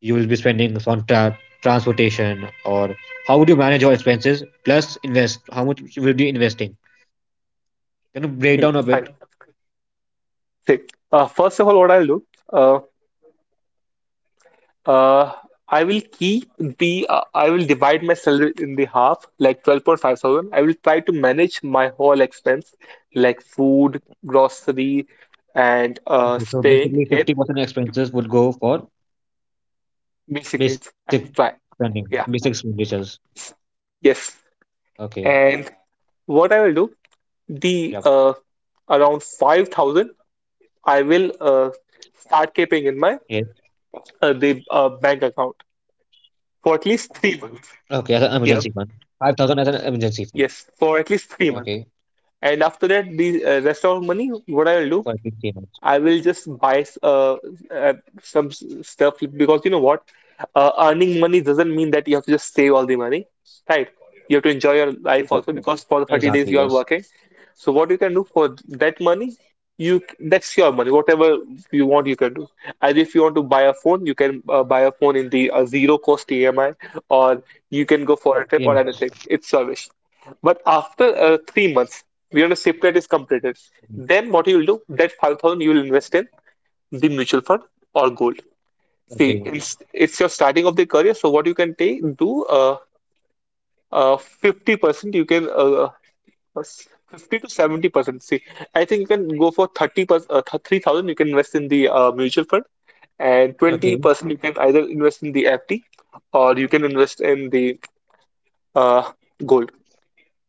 [SPEAKER 1] you will be spending on transportation, or how would you manage your expenses plus invest? How much you will be investing? Can you break down a bit?
[SPEAKER 2] fine. See, first of all, what I'll do. uh, Uh, I will divide my salary in the half, like 12.5 thousand. I will try to manage my whole expense, like food, grocery, and
[SPEAKER 1] Okay, so
[SPEAKER 2] staying
[SPEAKER 1] basically,
[SPEAKER 2] in
[SPEAKER 1] 50% expenses would go for
[SPEAKER 2] basic needs.
[SPEAKER 1] basic
[SPEAKER 2] I will try.
[SPEAKER 1] spending, basic
[SPEAKER 2] Yeah.
[SPEAKER 1] expenditures. Okay,
[SPEAKER 2] Yes. And
[SPEAKER 1] yeah,
[SPEAKER 2] what I will do, the around 5,000, I will
[SPEAKER 1] yes.
[SPEAKER 2] start keeping in my the bank account for at
[SPEAKER 1] Okay, as an
[SPEAKER 2] least three
[SPEAKER 1] emergency fund.
[SPEAKER 2] months.
[SPEAKER 1] 5,000 as an
[SPEAKER 2] Yeah.
[SPEAKER 1] emergency fund.
[SPEAKER 2] Yes,
[SPEAKER 1] Okay,
[SPEAKER 2] for at least 3 months. And after that,
[SPEAKER 1] for
[SPEAKER 2] the
[SPEAKER 1] big
[SPEAKER 2] rest of
[SPEAKER 1] payments.
[SPEAKER 2] money, what I'll do, I will just buy uh, some stuff because you know what? Earning money doesn't mean that you have to just save all the money, right? You have to enjoy
[SPEAKER 1] Exactly,
[SPEAKER 2] your
[SPEAKER 1] yes.
[SPEAKER 2] life also. Exactly. Because for 30 days you are working. So what you can do for that money, you that's your money. Whatever you want, you can do. As if you want to buy a phone, you can buy a phone in the zero cost EMI, or you can go
[SPEAKER 1] Yes.
[SPEAKER 2] for a trip or anything. It's your wish. But after 3 months, we know the ship rate is
[SPEAKER 1] mm,
[SPEAKER 2] completed. Then what you will do, that 5,000 you will invest in the mutual fund or gold.
[SPEAKER 1] Okay.
[SPEAKER 2] See, it's your starting of the career. So what you can take, do 50%, you can uh, 50 to 70%. See, I think you can go for 30%, 3,000 you can invest in the mutual fund and
[SPEAKER 1] Okay.
[SPEAKER 2] 20% you can either invest in the FD or you can invest in the uh, gold.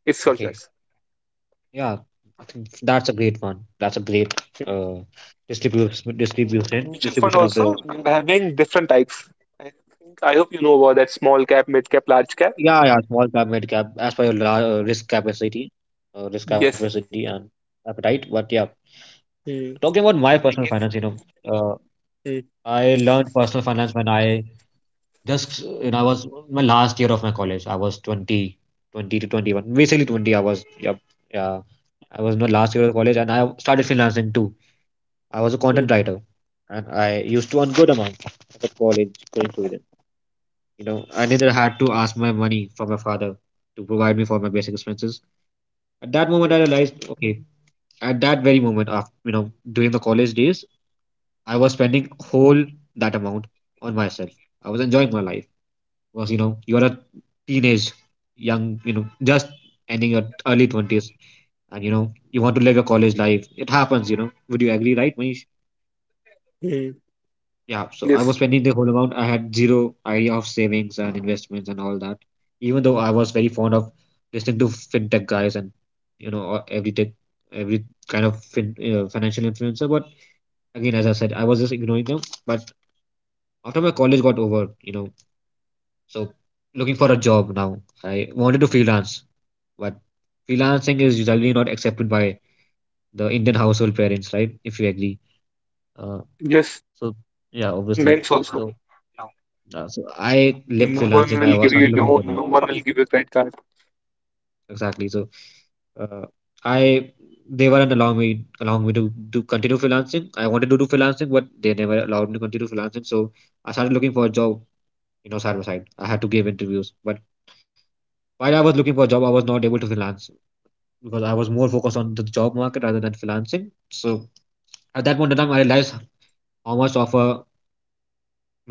[SPEAKER 2] It's your
[SPEAKER 1] Okay,
[SPEAKER 2] choice.
[SPEAKER 1] yeah, I think that's a great one. That's a great uh distribution
[SPEAKER 2] And in
[SPEAKER 1] distribution
[SPEAKER 2] mutual fund
[SPEAKER 1] distribution of
[SPEAKER 2] also,
[SPEAKER 1] the
[SPEAKER 2] you're having different types. I think, I hope you know about that small cap, mid cap, large cap.
[SPEAKER 1] yeah, yeah, small cap, mid cap, as per your risk
[SPEAKER 2] Yes.
[SPEAKER 1] capacity and appetite. But yeah,
[SPEAKER 2] Hmm.
[SPEAKER 1] talking about my personal
[SPEAKER 2] Like
[SPEAKER 1] finance, you
[SPEAKER 2] if
[SPEAKER 1] know, uh,
[SPEAKER 2] Hmm.
[SPEAKER 1] I learned personal finance when I I was my last year of my college. I was 20, 20 to 21, basically 20. I was, yeah, yeah. I was in my last year of college and I started freelancing too. I was a
[SPEAKER 2] Hmm.
[SPEAKER 1] content writer and I used to earn good amount at the college going to Sweden. You know, I neither had to ask my money from my father to provide me for my basic expenses. At that
[SPEAKER 2] Hmm.
[SPEAKER 1] moment, I realized, okay, at that very moment, during the college days, I was spending whole that amount on myself. I was enjoying my life. Was, you're a teenage young, you know just ending your early 20s, and you want to live your college life. It happens, would you agree, right, Manish?
[SPEAKER 2] Hmm.
[SPEAKER 1] Yeah, so I
[SPEAKER 2] Yes,
[SPEAKER 1] was spending the whole amount. I had zero idea of savings and investments and all that, even though I was very fond of listening to fintech guys and, or every tech, every kind of financial influencer. But again, as I said, I was just ignoring them. But after my college got over, so looking for a job now, I wanted to freelance. But freelancing is usually not accepted by the Indian household parents, right? If you agree. Uh,
[SPEAKER 2] yes,
[SPEAKER 1] so yeah,
[SPEAKER 2] in
[SPEAKER 1] obviously.
[SPEAKER 2] banks also.
[SPEAKER 1] So so I
[SPEAKER 2] No
[SPEAKER 1] left
[SPEAKER 2] one will give
[SPEAKER 1] freelancing. I
[SPEAKER 2] you
[SPEAKER 1] was started
[SPEAKER 2] loan,
[SPEAKER 1] looking
[SPEAKER 2] no
[SPEAKER 1] for
[SPEAKER 2] one
[SPEAKER 1] job.
[SPEAKER 2] will give you credit card.
[SPEAKER 1] Exactly. So uh, I they weren't allowing me to continue freelancing. I wanted to do freelancing, but they never allowed me to continue freelancing. So I started looking for a job. Side by side, I had to give interviews. But while I was looking for a job, I was not able to freelance because I was more focused on the job market rather than freelancing. So at that point in time, I realized how much of a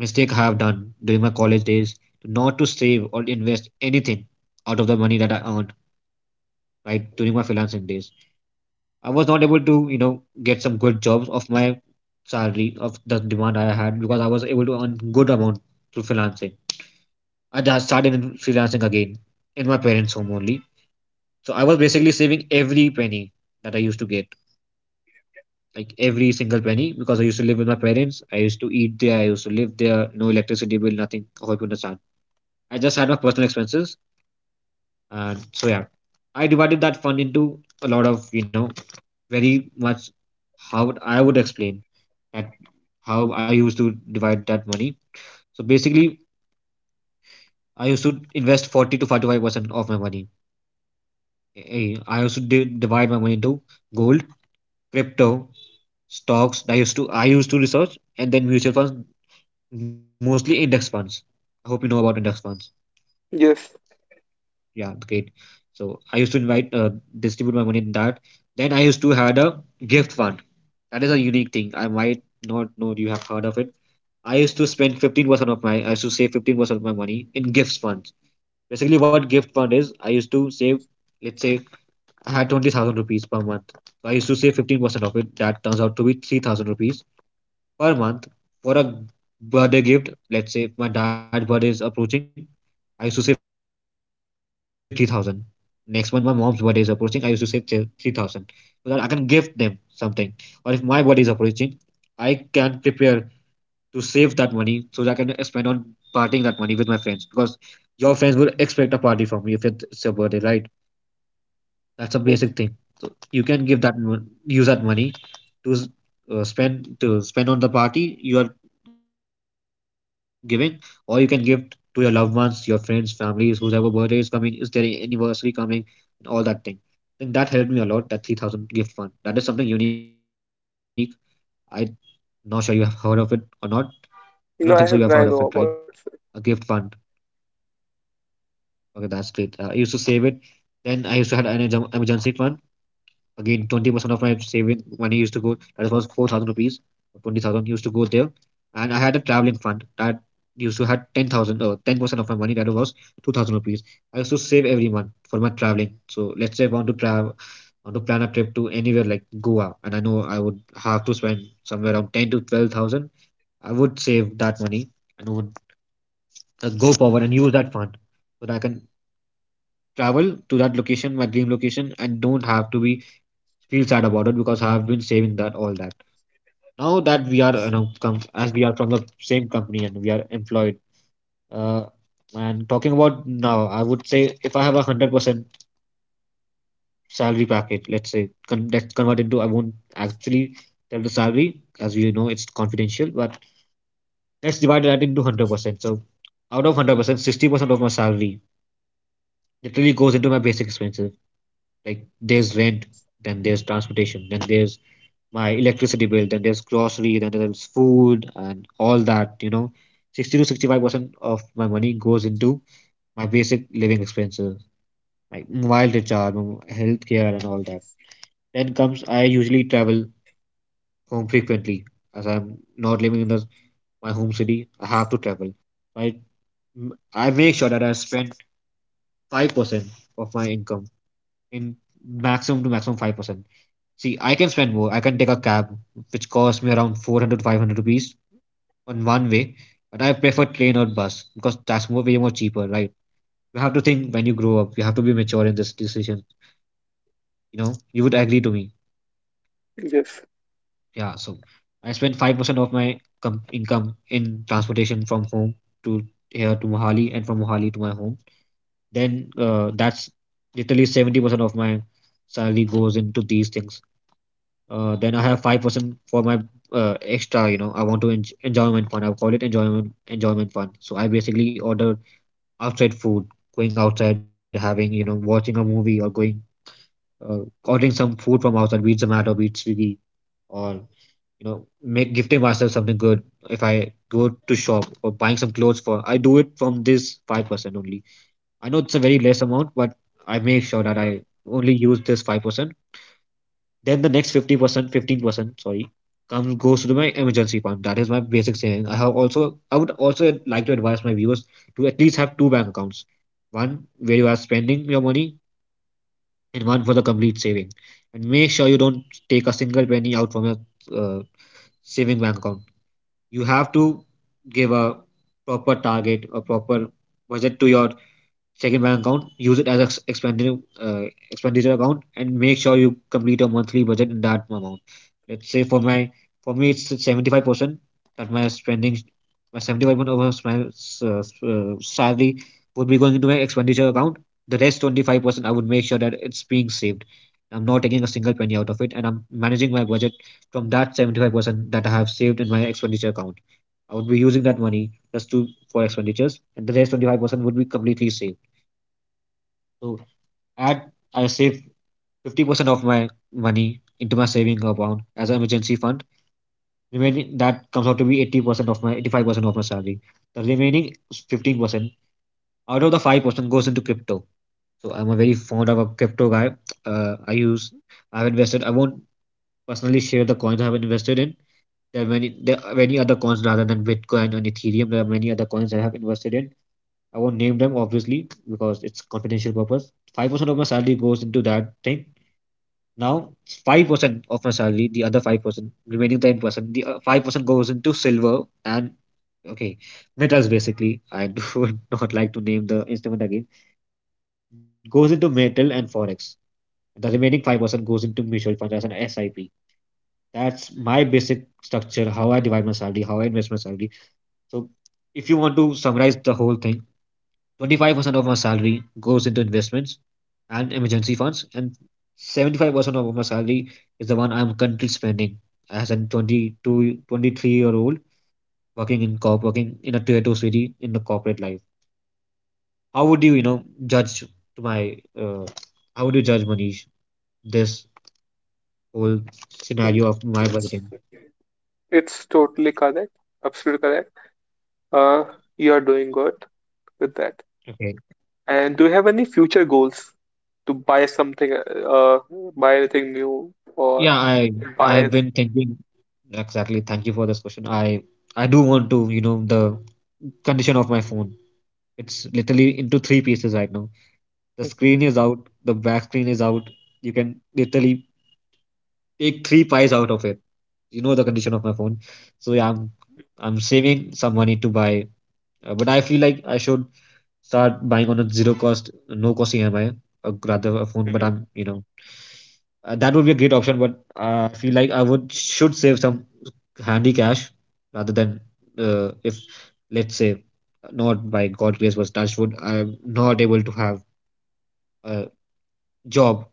[SPEAKER 1] mistake I have done during my college days to not to save or invest anything out of the money that I earned right during my freelancing days. I was not able to, get some good jobs of my salary of the demand I had, because I was able to earn good amount through freelancing. I just started in freelancing again in my parents' home only. So I was basically saving every penny that I used to get, like every single penny, because I used to live with my parents. I used to eat there. I used to live there. No electricity bill, nothing. I hope you understand I just had my personal expenses, and so yeah, I divided that fund into a lot of you know very much how would I would explain that how I used to divide that money. So basically, I used to invest 40 to 45% of my money. Eh, I also did divide my money into gold, crypto, stocks. That I used to research, and then mutual funds, mostly index funds. I hope you know about index funds.
[SPEAKER 2] Yes.
[SPEAKER 1] Yeah, great. So I used to invite, distribute my money in that. Then I used to had a gift fund. That is a unique thing. I might not know you have heard of it. I used to spend 15% of my, I used to save 15% of my money in gifts funds. Basically, what gift fund is, I used to save, let's say I had 20,000 rupees per month. So I used to save 15% of it. That turns out to be 3,000 rupees per month for a birthday gift. Let's say my dad's birthday is approaching, I used to save 3,000. Next month, my mom's birthday is approaching, I used to save 3,000 so that I can gift them something. Or if my birthday is approaching, I can prepare to save that money so that I can spend on partying that money with my friends, because your friends will expect a party from you if it's your birthday, right? That's a basic thing. So
[SPEAKER 2] Mm.
[SPEAKER 1] you can give that use that money to s- to spend on the party you are giving, or you can give to your loved ones, your friends, families, whoever birthday is coming, is there a anniversary coming, and all that thing. I think that helped me a lot. That 3,000 gift fund. That is something unique. I not sure you have heard of it or not. I don't think so. You have heard of it, right? A gift fund.
[SPEAKER 2] No, I know about it, sir.
[SPEAKER 1] Okay, that's great. I used to save it. Then I used to had an emergency fund. Again, 20% of my saving money used to go, that was 4,000 rupees, 20,000 used to go there. And I had a traveling fund that used to had 10,000, 10% of my money, that was 2,000 rupees. I used to save every month for my traveling. So let's say I want to travel, want to plan a trip to anywhere like Goa, and I know I would have to spend somewhere around 10 to 12,000. I would save that money and would go forward and use that fund so that I can travel to that location, my dream location, and don't have to be feel sad about it, because I have been saving that all that. Now that we are as we are from the same company and we are employed. Uh, and talking about now, I would say if I have 100% salary package, let's say let's convert into, I won't actually tell the salary, as you know it's confidential, but let's divide that into 100%. So out of 100%, 60% of my salary literally goes into my basic expenses. Like, there's rent, then there's transportation, then there's my electricity bill, then there's grocery, then there's food and all that, you know. 60 to 65% of my money goes into my basic living expenses, like mobile recharge, my healthcare, and all that. Then comes, I usually travel home frequently as I'm not living in the, my home city. I have to travel. I, I make sure that I spend 5% of my income in maximum to maximum 5%. See, I can spend more. I can take a cab, which costs me around 400 to 500 rupees on one way, but I prefer train or bus because that's more way more cheaper, right? You have to think, when you grow up, you have to be mature in this decision. You know, you would agree to me.
[SPEAKER 2] Yes.
[SPEAKER 1] Yeah, so I spend 5% of my income in transportation from home to here to Mohali and from Mohali to my home. Then that's literally 70% of my salary goes into these things. Then I have 5% for my extra. I want to enjoyment fund. I call it enjoyment fund. So I basically order outside food, going outside, having, watching a movie or going, uh, ordering some food from outside, be it Zomato, be it Swiggy, or, make gifting myself something good. If I go to shop or buying some clothes for, I do it from this 5% only. I know it's a very less amount, but I make sure that I only use this 5%. Then the next 50%, 15%, sorry, comes goes to my emergency fund. That is my basic saving. I have also, I would also like to advise my viewers to at least have two bank accounts. One where you are spending your money and one for the complete saving. And make sure you don't take a single penny out from your uh, saving bank account. You have to give a proper target, a proper budget to your second bank account, use it as uh, expenditure account, and make sure you complete your monthly budget in that amount. Let's say for my, for me, it's 75%, that my spending, my 75% of my uh, salary would be going into my expenditure account. The rest 25%, I would make sure that it's being saved. I'm not taking a single penny out of it, and I'm managing my budget from that 75% that I have saved in my expenditure account. I would be using that money just to for expenditures, and the rest 25% would be completely saved. So add, I save 50% of my money into my saving account as an emergency fund. Remaining that comes out to be 80% of my 85% of my salary. The remaining 15% out of the 5% goes into crypto. So I'm a very fond of a crypto guy. Uh, I use I've invested I won't personally share the coins I have invested in. There are many other coins rather than Bitcoin and Ethereum. There are many other coins I have invested in. I won't name them obviously because it's confidential purpose. 5% of my salary goes into that thing. Now, 5% of my salary, the other 5%, remaining 10%, the 5% goes into silver and, okay, metals basically. I do would not like to name the instrument again. It goes into metal and forex. The remaining 5% goes into mutual funds as an SIP. That's my basic structure, how I divide my salary, how I invest my salary. So, if you want to summarize the whole thing, 25% of my salary goes into investments and emergency funds, and 75% of my salary is the one I'm currently spending as a 22, 23 year old working in corp, working in a tier two city in the corporate life. How would you, judge to my, uh, how would you judge, Manish, this whole
[SPEAKER 2] Mm.
[SPEAKER 1] scenario of my
[SPEAKER 2] It's
[SPEAKER 1] budgeting?
[SPEAKER 2] it's totally correct. Absolutely correct. Uh, you are doing good with that.
[SPEAKER 1] Okay.
[SPEAKER 2] And do you have any future goals to buy something, buy anything new or
[SPEAKER 1] Yeah, I've
[SPEAKER 2] buy?
[SPEAKER 1] been thinking. Exactly. Thank you for this question. I do want to, you know, the condition of my phone. It's literally into three pieces right now. The screen is out, the back screen is out. You can literally take three pies out of it. You know the condition of my phone. So yeah, I'm saving some money to buy, but I feel like I should start buying on a zero cost, no cost EMI, or rather a phone. But
[SPEAKER 2] Mm,
[SPEAKER 1] I'm, you know, that would be a great option. But I feel like I would should save some handy cash rather than, if let's say, not by God grace was touched wood, I'm not able to have uh, job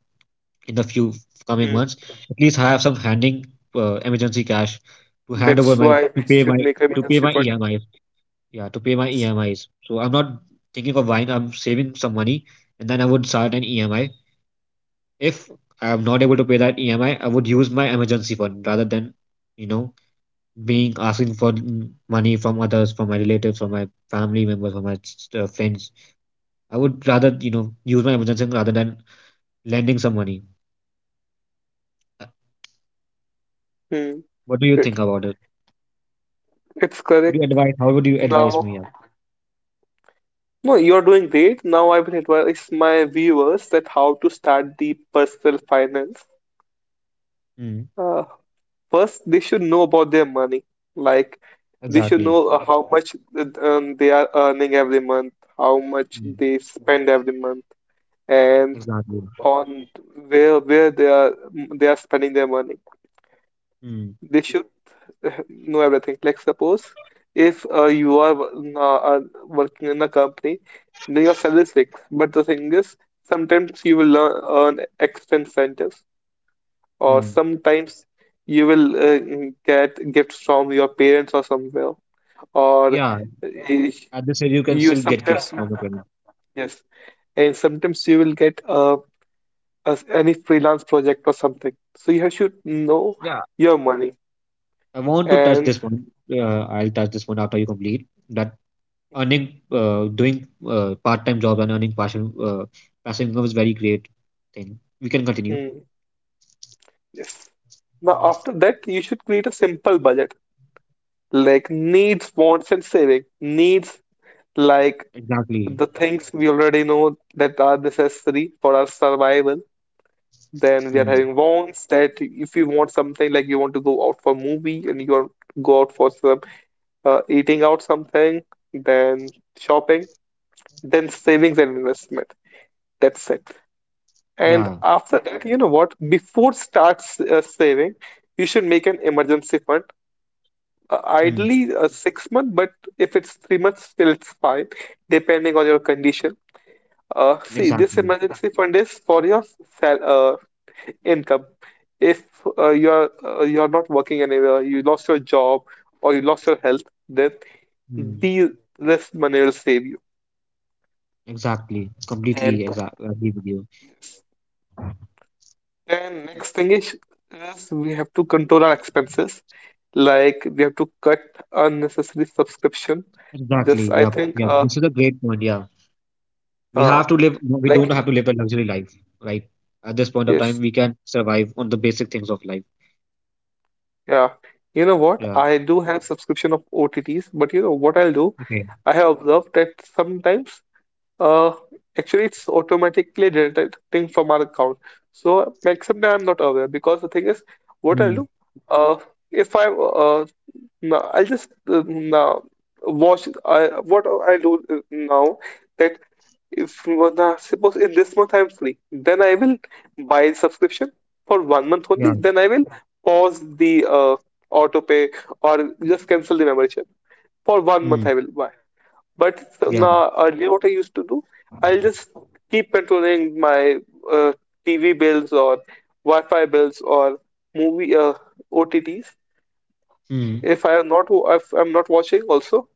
[SPEAKER 1] in the few coming
[SPEAKER 2] mm.
[SPEAKER 1] months, at least I have some handing emergency cash to hand
[SPEAKER 2] That's
[SPEAKER 1] over my
[SPEAKER 2] why we
[SPEAKER 1] to pay
[SPEAKER 2] should
[SPEAKER 1] my,
[SPEAKER 2] make a
[SPEAKER 1] to pay
[SPEAKER 2] membership
[SPEAKER 1] my
[SPEAKER 2] point.
[SPEAKER 1] EMIs. Yeah, to pay my EMIs. So I'm not thinking of buying. I'm saving some money, and then I would start an EMI. If I'm not able to pay that EMI, I would use my emergency fund rather than, you know, being asking for money from others, from my relatives, from my family members, from my friends. I would rather, you know, use my emergency fund rather than lending some money. Uh,
[SPEAKER 2] Hmm.
[SPEAKER 1] What do you
[SPEAKER 2] It,
[SPEAKER 1] think about it?
[SPEAKER 2] it's correct.
[SPEAKER 1] Would you advise? How would you
[SPEAKER 2] Now,
[SPEAKER 1] advise me? Yeah.
[SPEAKER 2] no, you're doing great. Now I will advise my viewers that how to start the personal finance.
[SPEAKER 1] Mm,
[SPEAKER 2] Uh, first, they should know about their money. Like, they should
[SPEAKER 1] exactly.
[SPEAKER 2] know how much they are earning every month, how much
[SPEAKER 1] Mm,
[SPEAKER 2] they spend every month, and
[SPEAKER 1] exactly.
[SPEAKER 2] on where they are spending their money.
[SPEAKER 1] Mm,
[SPEAKER 2] They should know everything. Like suppose if you are working in a company, then your salary is fixed. But the thing is, sometimes you will earn extra incentives, or
[SPEAKER 1] mm.
[SPEAKER 2] sometimes you will get gifts from your parents or somewhere, or
[SPEAKER 1] Yeah. At this age, you can
[SPEAKER 2] you
[SPEAKER 1] still get gifts
[SPEAKER 2] sometimes,
[SPEAKER 1] from your parents.
[SPEAKER 2] yes, and sometimes you will get as any freelance project or something. So you should know
[SPEAKER 1] Yeah.
[SPEAKER 2] your money.
[SPEAKER 1] I want to touch
[SPEAKER 2] And
[SPEAKER 1] this one. I'll touch this one after you complete that earning, doing part-time jobs and earning passive income is very great thing. We can continue.
[SPEAKER 2] mm, yes. Now after that, you should create a simple budget like needs, wants, and saving. Needs like
[SPEAKER 1] Exactly.
[SPEAKER 2] the things we already know that are necessary for our survival. Then we are
[SPEAKER 1] Mm,
[SPEAKER 2] having wants, that if you want something, like you want to go out for movie and you want to go out for some eating out something, then shopping, then savings and investment. That's it. And
[SPEAKER 1] yeah.
[SPEAKER 2] after that, you know what? Before starts saving, you should make an emergency fund.
[SPEAKER 1] Mm,
[SPEAKER 2] Ideally, 6 months, but if it's 3 months, still it's fine, depending on your condition. See, this
[SPEAKER 1] exactly.
[SPEAKER 2] emergency fund is for your sal income. If you're you're not working anywhere, you lost your job or you lost your health, then
[SPEAKER 1] Mm,
[SPEAKER 2] the this money will save you.
[SPEAKER 1] exactly. Completely.
[SPEAKER 2] And
[SPEAKER 1] Exactly. Agree with you.
[SPEAKER 2] then
[SPEAKER 1] Yeah.
[SPEAKER 2] next thing is we have to control our expenses. Like we have to cut unnecessary subscription. Just,
[SPEAKER 1] Exactly.
[SPEAKER 2] I
[SPEAKER 1] Yep.
[SPEAKER 2] think,
[SPEAKER 1] Yep. This is a great point. Yeah. We
[SPEAKER 2] uh
[SPEAKER 1] have to live, we don't
[SPEAKER 2] like,
[SPEAKER 1] have to live a luxury life, right? At this point of
[SPEAKER 2] yes,
[SPEAKER 1] time, we can survive on the basic things of life.
[SPEAKER 2] yeah. You know what,
[SPEAKER 1] Yeah.
[SPEAKER 2] I do have subscription of OTTs. But you know what I'll do,
[SPEAKER 1] Okay.
[SPEAKER 2] I have observed that sometimes, uh actually it's automatically deducting from our account. So like sometimes I'm not aware because the thing is, what I'll
[SPEAKER 1] mm.
[SPEAKER 2] do, uh if I no, I'll just, no, watch, I what I do, now that, if nah, suppose if this month I'm free, then I will buy the subscription for 1 month
[SPEAKER 1] Yeah.
[SPEAKER 2] only. Then I will pause the auto pay or just cancel the membership for 1 month.
[SPEAKER 1] mm.
[SPEAKER 2] I will buy. But so
[SPEAKER 1] Yeah.
[SPEAKER 2] now earlier, what I used to do, I'll
[SPEAKER 1] mm.
[SPEAKER 2] just keep controlling my uh, TV bills or Wi-Fi bills or movie OTTs.
[SPEAKER 1] hmm
[SPEAKER 2] If I'm not watching, also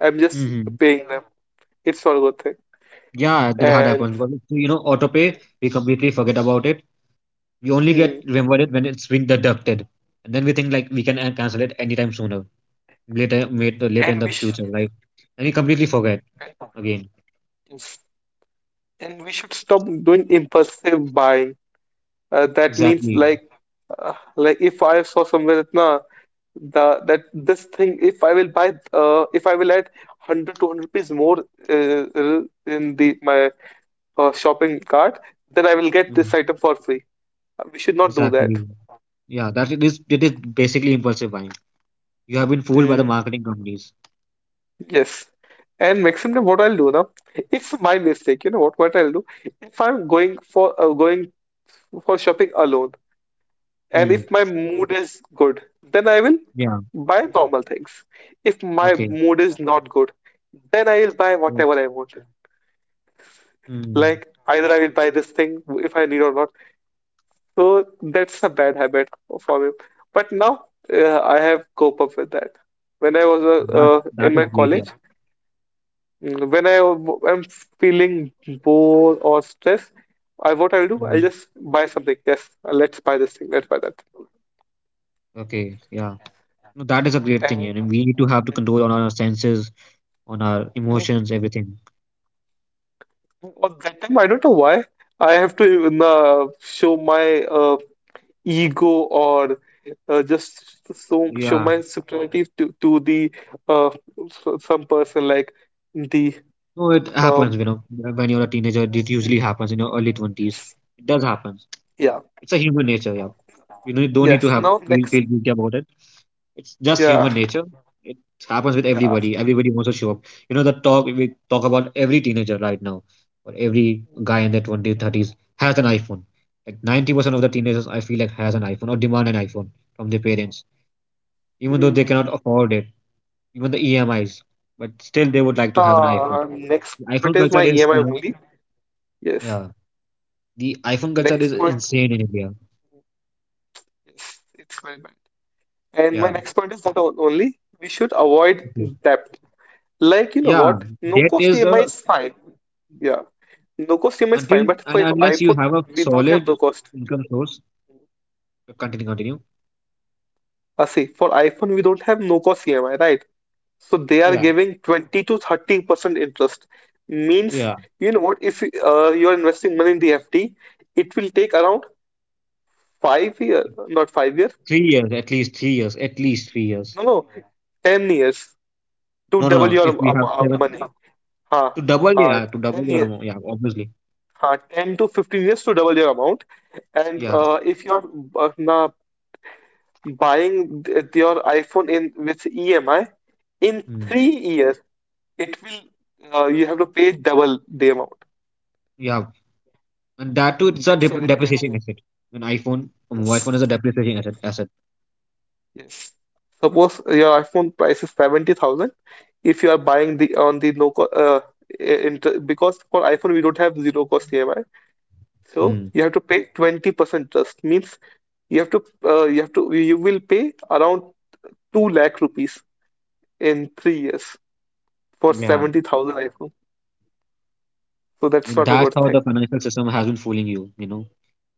[SPEAKER 2] I'm just
[SPEAKER 1] Mm-hmm.
[SPEAKER 2] paying them. It's not a good thing.
[SPEAKER 1] Yeah, that had
[SPEAKER 2] And.
[SPEAKER 1] happened, but it's auto pay, we completely forget about it. We
[SPEAKER 2] Hmm.
[SPEAKER 1] only get
[SPEAKER 2] Hmm.
[SPEAKER 1] remember it when it's been deducted, and then we think like we can cancel it anytime sooner later made later in
[SPEAKER 2] And we.
[SPEAKER 1] the future, right? And we
[SPEAKER 2] Mm,
[SPEAKER 1] completely forget
[SPEAKER 2] right. On.
[SPEAKER 1] again.
[SPEAKER 2] Yes. And we should stop doing impulsive buying. That means
[SPEAKER 1] Exactly.
[SPEAKER 2] like if I saw somewhere that na the that this thing if I will buy, if I will add one hundred two hundred rupees more in the my shopping cart, then I will get
[SPEAKER 1] Mm.
[SPEAKER 2] this item for free. We should not do that.
[SPEAKER 1] Exactly. Yeah, that it is, basically impulsive buying. You have been fooled by the
[SPEAKER 2] Mm,
[SPEAKER 1] marketing companies.
[SPEAKER 2] yes. And maximum what I'll do now, it's my mistake. You know what I'll do, if I'm going for shopping alone, and
[SPEAKER 1] Hmm.
[SPEAKER 2] if my mood is good, then I will
[SPEAKER 1] Yeah.
[SPEAKER 2] buy normal things. If my
[SPEAKER 1] Okay.
[SPEAKER 2] mood is not good, then I will buy whatever
[SPEAKER 1] That's,
[SPEAKER 2] I want,
[SPEAKER 1] Mm.
[SPEAKER 2] like either I will buy this thing if I need or not. So that's a bad habit for me. But now, I have cope up with that. When I was
[SPEAKER 1] That
[SPEAKER 2] in
[SPEAKER 1] that is
[SPEAKER 2] my
[SPEAKER 1] great. Yeah.
[SPEAKER 2] college, when I am feeling bored or stressed, I what I'll do, I'll
[SPEAKER 1] Hmm.
[SPEAKER 2] just buy something. Yes, let's buy this thing, let's buy that.
[SPEAKER 1] Okay. Yeah. No, that is a great thing. Yeah. And we need to have to
[SPEAKER 2] And
[SPEAKER 1] control on our senses, on our emotions, everything.
[SPEAKER 2] well, that time, I don't know why I have to even, show my ego or just so, show
[SPEAKER 1] Yeah.
[SPEAKER 2] my superiority to the some person like the
[SPEAKER 1] No, it
[SPEAKER 2] um
[SPEAKER 1] happens. You know, when you're a teenager, it usually happens in your early twenties.
[SPEAKER 2] s-.
[SPEAKER 1] It does happen.
[SPEAKER 2] Yeah.
[SPEAKER 1] It's a human nature. Yeah. You know, you don't need to
[SPEAKER 2] Yes.
[SPEAKER 1] have
[SPEAKER 2] Now
[SPEAKER 1] feel
[SPEAKER 2] next.
[SPEAKER 1] feel guilty about it. It's just
[SPEAKER 2] Yeah,
[SPEAKER 1] human nature. It happens with
[SPEAKER 2] yeah.
[SPEAKER 1] everybody. Everybody wants to show up. You know, the talk we talk about every teenager right now, or every guy in their 20s, 30s has an iPhone. Like 90% of the teenagers, I feel like, has an iPhone or demand an iPhone from their parents, even though they
[SPEAKER 2] Mm.
[SPEAKER 1] cannot afford it, even the EMIs, but still they would like to have an iPhone.
[SPEAKER 2] Next
[SPEAKER 1] The
[SPEAKER 2] point
[SPEAKER 1] iPhone
[SPEAKER 2] is my
[SPEAKER 1] culture
[SPEAKER 2] EMI
[SPEAKER 1] is, you know,
[SPEAKER 2] only. Yes,
[SPEAKER 1] yeah, the iPhone culture
[SPEAKER 2] next
[SPEAKER 1] is
[SPEAKER 2] point.
[SPEAKER 1] insane in India.
[SPEAKER 2] Yes, it's very bad. And my
[SPEAKER 1] Yeah.
[SPEAKER 2] next point is that only we should avoid
[SPEAKER 1] Okay.
[SPEAKER 2] debt. Like you know
[SPEAKER 1] Yeah,
[SPEAKER 2] what, no
[SPEAKER 1] debt
[SPEAKER 2] cost
[SPEAKER 1] is
[SPEAKER 2] EMI
[SPEAKER 1] a,
[SPEAKER 2] is fine. Yeah, no cost EMI is fine,
[SPEAKER 1] until
[SPEAKER 2] but for
[SPEAKER 1] and unless you
[SPEAKER 2] iPhone
[SPEAKER 1] have a
[SPEAKER 2] we don't have
[SPEAKER 1] solid
[SPEAKER 2] no cost.
[SPEAKER 1] income source. Continue, continue.
[SPEAKER 2] See, for iPhone we don't have no cost EMI, right? So they are
[SPEAKER 1] Yeah,
[SPEAKER 2] giving 20 to 30% interest. Means,
[SPEAKER 1] yeah.
[SPEAKER 2] you know what, if you're investing money in the FD, it will take around 5 year, not 5 year,
[SPEAKER 1] 3 years, at least 3 years, at least 3 years.
[SPEAKER 2] no, no, 10 years to
[SPEAKER 1] No, no,
[SPEAKER 2] double
[SPEAKER 1] no.
[SPEAKER 2] your
[SPEAKER 1] If we have seven
[SPEAKER 2] money. Ha,
[SPEAKER 1] to double,
[SPEAKER 2] ha,
[SPEAKER 1] yeah, to
[SPEAKER 2] 10
[SPEAKER 1] double your
[SPEAKER 2] year,
[SPEAKER 1] amount, yeah, obviously,
[SPEAKER 2] ha, 10 to 15 years to double your amount. And
[SPEAKER 1] yeah,
[SPEAKER 2] if you're na buying your iPhone in with EMI in
[SPEAKER 1] mm,
[SPEAKER 2] 3 years, it will, you have to pay double the amount.
[SPEAKER 1] yeah. And that too, it's a
[SPEAKER 2] That's very bad thing.
[SPEAKER 1] depreciation asset. An iPhone, a mobile
[SPEAKER 2] Yes.
[SPEAKER 1] phone is a
[SPEAKER 2] Yeah.
[SPEAKER 1] depreciation asset. Asset.
[SPEAKER 2] Yes. Suppose your iPhone price is 70,000 if you are buying the on the no cost inter, because for iPhone we don't have zero cost EMI. So
[SPEAKER 1] Mm,
[SPEAKER 2] you have to pay 20% just means you have to you have to you will pay around 2 lakh rupees in 3 years for
[SPEAKER 1] yeah. I
[SPEAKER 2] 70,000 iPhone. So that's
[SPEAKER 1] mean,
[SPEAKER 2] not a
[SPEAKER 1] that's
[SPEAKER 2] good
[SPEAKER 1] how
[SPEAKER 2] thing.
[SPEAKER 1] the financial system has been fooling you. You know.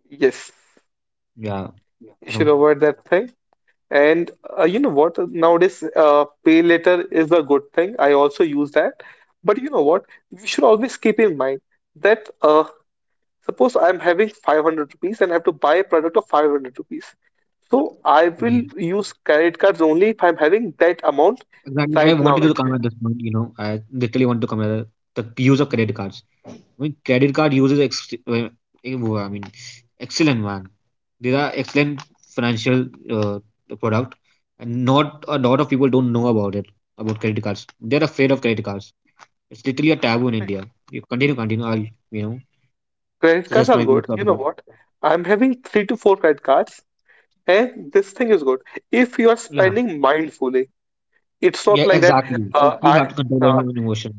[SPEAKER 2] Yes,
[SPEAKER 1] Yeah. You
[SPEAKER 2] you
[SPEAKER 1] know.
[SPEAKER 2] should avoid that thing. And you know what? Nowadays, pay later is a good thing. I also use that. But you know what? You should always keep in mind that suppose I'm having 500 rupees and I have to buy a product of 500 rupees. So I
[SPEAKER 1] Mm.
[SPEAKER 2] will use credit cards only if I'm having that amount
[SPEAKER 1] Exactly. I
[SPEAKER 2] right
[SPEAKER 1] wanted
[SPEAKER 2] now
[SPEAKER 1] you to
[SPEAKER 2] with
[SPEAKER 1] come
[SPEAKER 2] me.
[SPEAKER 1] at this point. You know, I literally want to come at the use of credit cards. I mean, credit card uses I mean, excellent man. These are excellent financial product, and not a lot of people don't know about it about credit cards. They're afraid of credit cards. It's literally a taboo in India. You continue, continue. I'll you know
[SPEAKER 2] Credit cards
[SPEAKER 1] suggest
[SPEAKER 2] are
[SPEAKER 1] my views
[SPEAKER 2] good.
[SPEAKER 1] on
[SPEAKER 2] You know
[SPEAKER 1] that.
[SPEAKER 2] what? I'm having three to four credit cards, and this thing is good. If you are
[SPEAKER 1] Yeah,
[SPEAKER 2] spending mindfully, it's
[SPEAKER 1] yeah,
[SPEAKER 2] not like that.
[SPEAKER 1] exactly.
[SPEAKER 2] Uh,
[SPEAKER 1] You have
[SPEAKER 2] I
[SPEAKER 1] to control on
[SPEAKER 2] uh,
[SPEAKER 1] your emotion.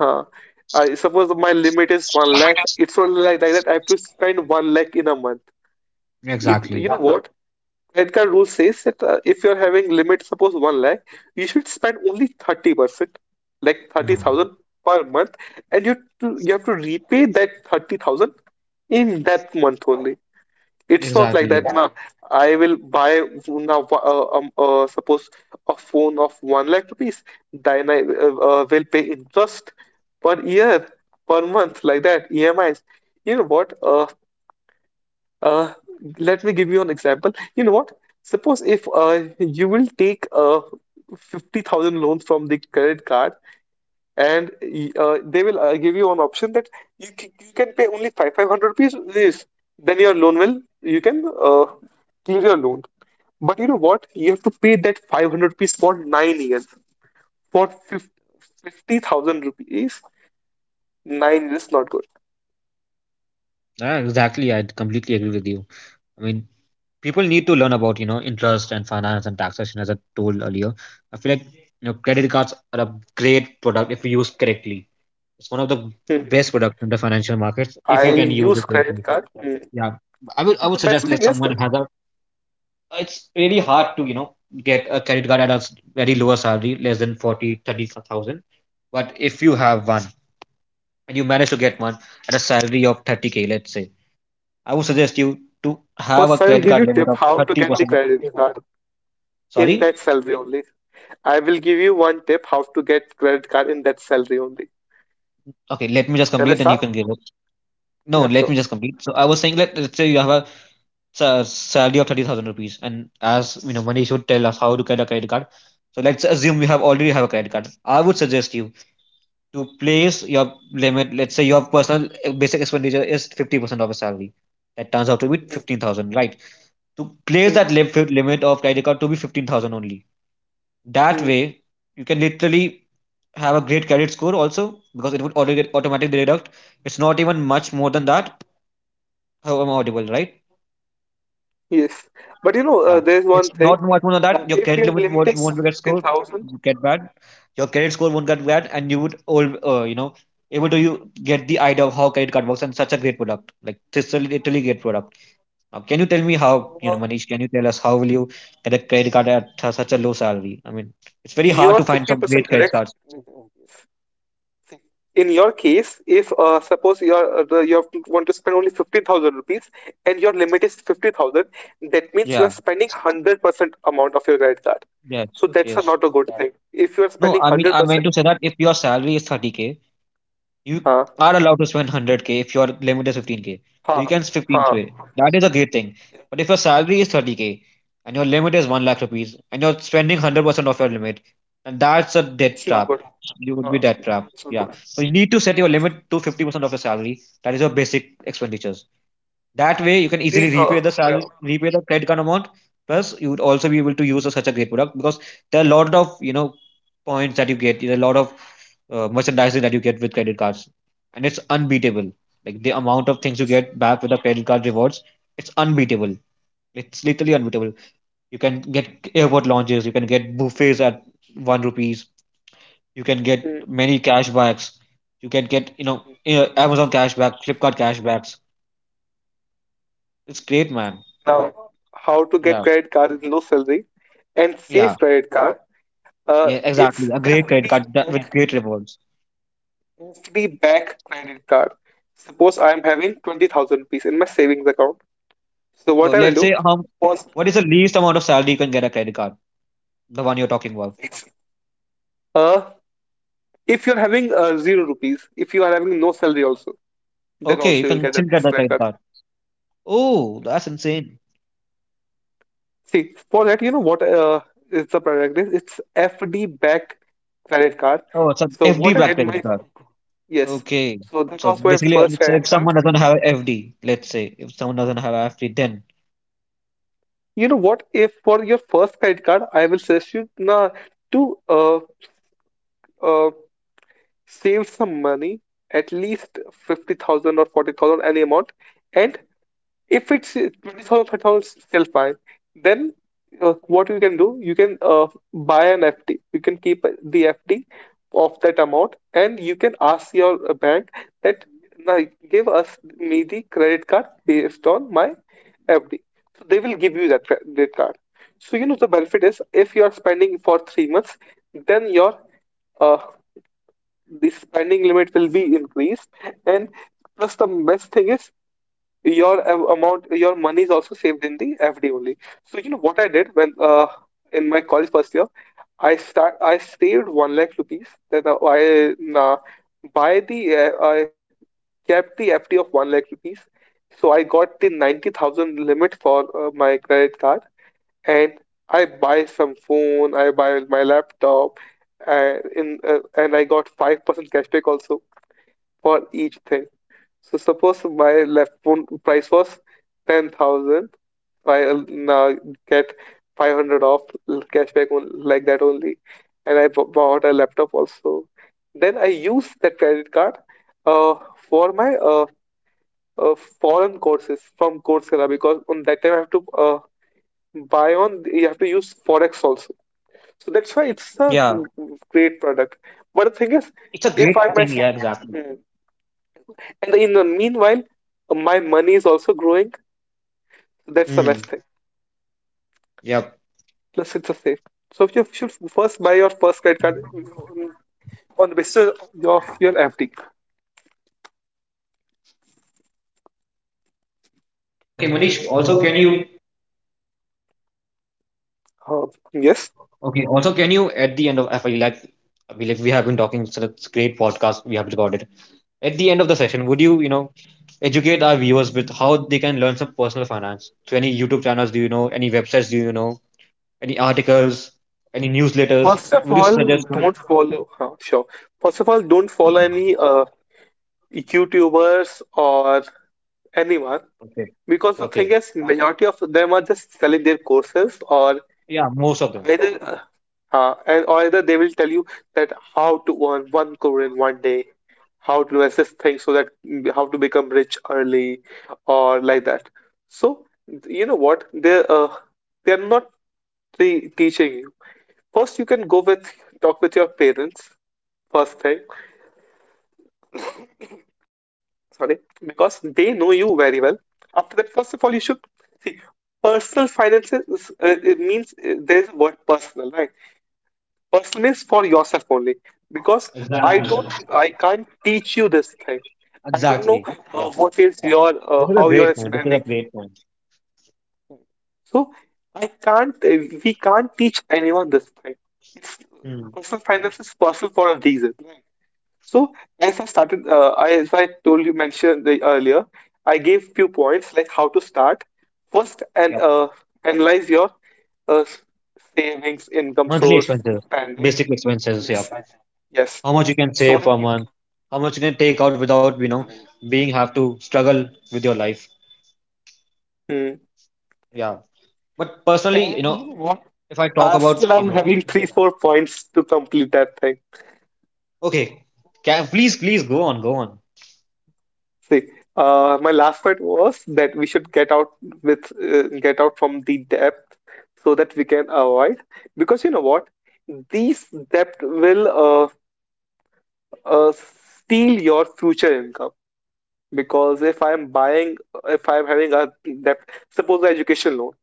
[SPEAKER 2] uh, I suppose my limit is one lakh. It's not like that. I have to spend one lakh in a month. It, you
[SPEAKER 1] Exactly.
[SPEAKER 2] know what? Credit card rule says that, if you're having limit, suppose one lakh, you should spend only 30%, like
[SPEAKER 1] Hmm.
[SPEAKER 2] 30,000 per month, and you have to repay that 30,000 in that month only. It's not like
[SPEAKER 1] Exactly.
[SPEAKER 2] that.
[SPEAKER 1] Yes.
[SPEAKER 2] Now, I will buy now. Suppose a phone of one lakh rupees. Then I will pay interest per year, per month, like that. EMIs. You know what? Uh, let me give you an example. You know what? Suppose if you will take 50,000 loans from the credit card, and they will give you an option that you, you can pay only 5 500 rupees. This, then your loan will, you can, clearly a loan. But you know what? You have to pay that 500 rupees for 9 years. For 50,000 rupees, 9 years is not good.
[SPEAKER 1] Ah, exactly. I completely agree with you. I mean, people need to learn about, you know, interest and finance and taxation, as I told earlier. I feel like, you know, credit cards are a great product if used correctly. It's one of the
[SPEAKER 2] Hmm.
[SPEAKER 1] best products in the financial markets if you
[SPEAKER 2] I'll
[SPEAKER 1] can use
[SPEAKER 2] use
[SPEAKER 1] it
[SPEAKER 2] credit
[SPEAKER 1] correctly.
[SPEAKER 2] card. Hmm.
[SPEAKER 1] Yeah, I would
[SPEAKER 2] The best
[SPEAKER 1] suggest,
[SPEAKER 2] thing
[SPEAKER 1] let
[SPEAKER 2] is,
[SPEAKER 1] someone has a, it's really hard to, you know, get a credit card at a very lower salary less than 40, 30,000. But if you have one and you manage to get one at a salary of 30K, let's say, I would suggest you to have a
[SPEAKER 2] first I'll
[SPEAKER 1] credit
[SPEAKER 2] give
[SPEAKER 1] card
[SPEAKER 2] you
[SPEAKER 1] limit
[SPEAKER 2] tip
[SPEAKER 1] of
[SPEAKER 2] how to get the
[SPEAKER 1] 30% of,
[SPEAKER 2] credit card in
[SPEAKER 1] sorry.
[SPEAKER 2] that salary only. I will give you one tip how to get credit card in that salary only.
[SPEAKER 1] Okay, let me just
[SPEAKER 2] Shall I
[SPEAKER 1] complete, then you
[SPEAKER 2] start?
[SPEAKER 1] can give it. No,
[SPEAKER 2] Yeah,
[SPEAKER 1] let
[SPEAKER 2] sure.
[SPEAKER 1] me just complete. So I was saying, let's say you have a salary of 30,000 rupees, and as you know, Manish would tell us how to get a credit card. So let's assume you have already have a credit card. I would suggest you to place your limit. Let's say your personal basic expenditure is 50% of a salary. That turns out to be 15,000, right? To place
[SPEAKER 2] Hmm,
[SPEAKER 1] that limit of credit card to be 15,000 only, that
[SPEAKER 2] hmm.
[SPEAKER 1] way, you can literally have a great credit score also because it would get automatically deduct. It's not even much more than that. How am I audible, right?
[SPEAKER 2] Yes, but you know,
[SPEAKER 1] Ah.
[SPEAKER 2] there's
[SPEAKER 1] It's
[SPEAKER 2] one thing.
[SPEAKER 1] not much more than that. Your
[SPEAKER 2] If
[SPEAKER 1] credit
[SPEAKER 2] your
[SPEAKER 1] limit
[SPEAKER 2] limit is
[SPEAKER 1] won't get scored,
[SPEAKER 2] 15,000,
[SPEAKER 1] you get bad. Your credit score won't get bad, and you would all you know able to you get the idea of how credit card works and such a great product. Like this is a literally great product. Now, can you tell me how, you know, Manish? Can you tell us how will you get a credit card at such a low salary? I mean, it's very
[SPEAKER 2] you
[SPEAKER 1] hard
[SPEAKER 2] are
[SPEAKER 1] to find some
[SPEAKER 2] 50%
[SPEAKER 1] great credit
[SPEAKER 2] correct.
[SPEAKER 1] cards.
[SPEAKER 2] In your case, if suppose you want to spend only 50,000 rupees and your limit is 50,000, that means you are
[SPEAKER 1] Yeah.
[SPEAKER 2] spending 100% amount of your credit card.
[SPEAKER 1] Yes,
[SPEAKER 2] So that's a
[SPEAKER 1] yes.
[SPEAKER 2] not a good thing. If you are
[SPEAKER 1] No,
[SPEAKER 2] spending
[SPEAKER 1] I mean I meant to
[SPEAKER 2] 100%,
[SPEAKER 1] say that if your salary is 30K, you
[SPEAKER 2] huh,
[SPEAKER 1] are allowed to spend 100K if your limit is 15K. So
[SPEAKER 2] huh,
[SPEAKER 1] you
[SPEAKER 2] okay,
[SPEAKER 1] can 15
[SPEAKER 2] huh,
[SPEAKER 1] k. That is a great thing. But if your salary is 30K and your limit is 1 lakh rupees and you're spending 100% of your limit, and that's a debt
[SPEAKER 2] it's not
[SPEAKER 1] trap.
[SPEAKER 2] good.
[SPEAKER 1] You would be
[SPEAKER 2] Uh,
[SPEAKER 1] debt trap.
[SPEAKER 2] it's not
[SPEAKER 1] Yeah.
[SPEAKER 2] good.
[SPEAKER 1] So you need to set your limit to 50% of your salary. That is your basic expenditures. That way, you can easily
[SPEAKER 2] The, uh,
[SPEAKER 1] repay the salary,
[SPEAKER 2] yeah.
[SPEAKER 1] repay the credit card amount. Plus, you would also be able to use a, such a great product because there are a lot of, you know, points that you get. There are a lot of merchandising that you get with credit cards, and it's unbeatable. Like the amount of things you get back with the credit card rewards, it's unbeatable. It's literally unbeatable. You can get airport lounges. You can get buffets at one rupees. You can get
[SPEAKER 2] Mm.
[SPEAKER 1] many cashbacks. You can get, you know, Amazon cashback, Flipkart cashbacks. It's great, man.
[SPEAKER 2] Now, how to get
[SPEAKER 1] Yeah.
[SPEAKER 2] credit card in low salary and
[SPEAKER 1] Yeah.
[SPEAKER 2] safe credit card? Uh,
[SPEAKER 1] Yeah, exactly.
[SPEAKER 2] it's
[SPEAKER 1] A great credit
[SPEAKER 2] FD
[SPEAKER 1] card that, with great rewards.
[SPEAKER 2] Citibank credit card. Suppose I am having 20,000 rupees in my savings account. So
[SPEAKER 1] No,
[SPEAKER 2] what I will
[SPEAKER 1] let's
[SPEAKER 2] do,
[SPEAKER 1] say how
[SPEAKER 2] first,
[SPEAKER 1] what is the least amount of salary you can get a credit card? The one you're talking about.
[SPEAKER 2] uh, if you're having zero rupees, if you are having no salary also, then
[SPEAKER 1] Okay, you
[SPEAKER 2] also you will
[SPEAKER 1] can
[SPEAKER 2] get
[SPEAKER 1] still
[SPEAKER 2] that,
[SPEAKER 1] get
[SPEAKER 2] this
[SPEAKER 1] the
[SPEAKER 2] credit
[SPEAKER 1] credit
[SPEAKER 2] card.
[SPEAKER 1] card. Oh, that's insane.
[SPEAKER 2] See, for that, you know what is the product is? It's FD backed credit card.
[SPEAKER 1] Oh, it's an
[SPEAKER 2] So
[SPEAKER 1] FD
[SPEAKER 2] what I
[SPEAKER 1] back
[SPEAKER 2] did
[SPEAKER 1] credit
[SPEAKER 2] my
[SPEAKER 1] card.
[SPEAKER 2] Yes,
[SPEAKER 1] Okay.
[SPEAKER 2] so that
[SPEAKER 1] So
[SPEAKER 2] was my
[SPEAKER 1] basically,
[SPEAKER 2] first
[SPEAKER 1] so if
[SPEAKER 2] credit card.
[SPEAKER 1] someone doesn't have FD, let's say if someone doesn't have FD, then
[SPEAKER 2] You know what? If for your first credit card, I will suggest you to uh, save some money, at least 50,000 or 40,000, any amount. And if it's 20,000, 30,000, still fine. Then, what you can do, you can buy an FD. You can keep the FD of that amount, and you can ask your bank that now give us me the credit card based on my FD. So they will give you that credit card. So you know the benefit is, if you are spending for 3 months, then your uh, the spending limit will be increased. And plus, the best thing is your a- amount your money is also saved in the FD only. So you know what I did when, in my college first year, I saved 1 lakh rupees. Then uh, I kept the FD of 1 lakh rupees. So I got the 90,000 limit for my credit card, and I buy some phone, I buy my laptop. And in and I got 5% cashback also for each thing. So suppose my left phone price was 10,000. I now get 500 off cashback on, like that only. And I bought a laptop also. Then I use that credit card for my uh, foreign courses from Coursera, because on that time I have to buy on, you have to use Forex also. So that's why it's
[SPEAKER 1] yeah,
[SPEAKER 2] a great product. But the thing
[SPEAKER 1] it's
[SPEAKER 2] is,
[SPEAKER 1] a great thing.
[SPEAKER 2] if I
[SPEAKER 1] Yeah,
[SPEAKER 2] myself.
[SPEAKER 1] exactly.
[SPEAKER 2] And in the meanwhile, my money is also growing. That's the
[SPEAKER 1] Hmm.
[SPEAKER 2] best thing.
[SPEAKER 1] Yep.
[SPEAKER 2] Plus, it's a safe. So if you should first buy your first credit card, mm, on the basis of your FD.
[SPEAKER 1] Oh, okay, Manish. Also, can you?
[SPEAKER 2] Uh, yes.
[SPEAKER 1] Okay. Also, can you at the end of FI like we have been talking, so it's a great podcast we have recorded. At the end of the session, would you, you know, educate our viewers with how they can learn some personal finance? So, any YouTube channels do you know? Any websites do you know? Any articles? Any newsletters?
[SPEAKER 2] First of
[SPEAKER 1] Would you
[SPEAKER 2] all,
[SPEAKER 1] suggest some?
[SPEAKER 2] don't follow. Sure. First of all, don't follow any YouTubers or anyone,
[SPEAKER 1] Okay.
[SPEAKER 2] because the thing
[SPEAKER 1] Okay.
[SPEAKER 2] is, majority of them are just selling their courses. Or
[SPEAKER 1] Yeah, most of them.
[SPEAKER 2] either and or either they will tell you that how to earn 1 crore in one day, how to assess things so that how to become rich early, or like that. So you know what, they're not teaching you. First, you can go with, talk with your parents, first thing. Sorry. Because they know you very well. After that, first of all, you should see personal finances it means, there's a word personal, right? Personally, is for yourself only, because I
[SPEAKER 1] Exactly.
[SPEAKER 2] don't, I can't teach you this thing. I don't know
[SPEAKER 1] Exactly. Yeah.
[SPEAKER 2] what is
[SPEAKER 1] This is a
[SPEAKER 2] how
[SPEAKER 1] great
[SPEAKER 2] you're
[SPEAKER 1] point. This is a
[SPEAKER 2] spending.
[SPEAKER 1] great point.
[SPEAKER 2] So I can't, we can't teach anyone this thing. It's
[SPEAKER 1] Hmm.
[SPEAKER 2] Personal finance is personal for a reason. So as I started, as I told you, mentioned earlier, I gave few points like how to start. First, and
[SPEAKER 1] Yep.
[SPEAKER 2] analyze your uh, savings, income
[SPEAKER 1] Monthly
[SPEAKER 2] source,
[SPEAKER 1] expenses,
[SPEAKER 2] spending.
[SPEAKER 1] basic expenses. Yeah.
[SPEAKER 2] Yes, yes.
[SPEAKER 1] How much you can
[SPEAKER 2] So.
[SPEAKER 1] save per month? How much you can take out without, you know, being have to struggle with your life?
[SPEAKER 2] Hmm.
[SPEAKER 1] Yeah. But personally, you
[SPEAKER 2] And
[SPEAKER 1] know,
[SPEAKER 2] you know what?
[SPEAKER 1] if I talk about,
[SPEAKER 2] Still,
[SPEAKER 1] you
[SPEAKER 2] I'm
[SPEAKER 1] know.
[SPEAKER 2] having three, four points to complete that thing.
[SPEAKER 1] Okay, please, please go on, go on.
[SPEAKER 2] See, my last point was that we should get out with get out from the depth, so that we can avoid. Because you know what? These debt will uh, uh, steal your future income. Because if I'm having a debt, suppose an education loan,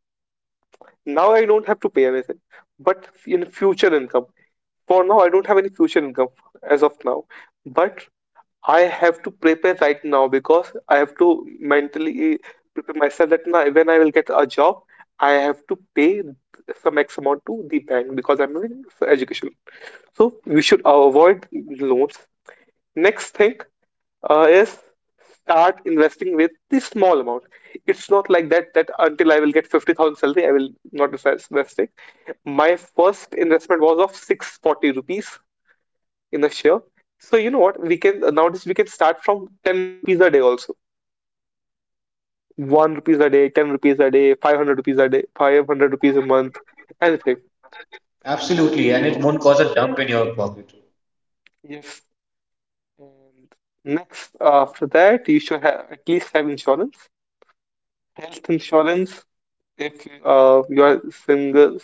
[SPEAKER 2] now I don't have to pay anything, but in future income. For now, I don't have any future income as of now, but I have to prepare right now, because I have to mentally prepare myself that now when I will get a job, I have to pay some X amount to the bank because I'm in education. So we should avoid loans. Next thing is start investing with the small amount. It's not like that until I will get 50,000 salary, I will not investing. My first investment was of 640 rupees in a share. So you know what? We can nowadays we can start from 10 rupees a day also. 1 rupees a day, 10 rupees a day, 500 rupees a day, 500 rupees a month, anything.
[SPEAKER 1] Absolutely, and it won't cause a dump in your pocket.
[SPEAKER 2] Yes. And next, after that, you should have at least have insurance, health insurance if you are single,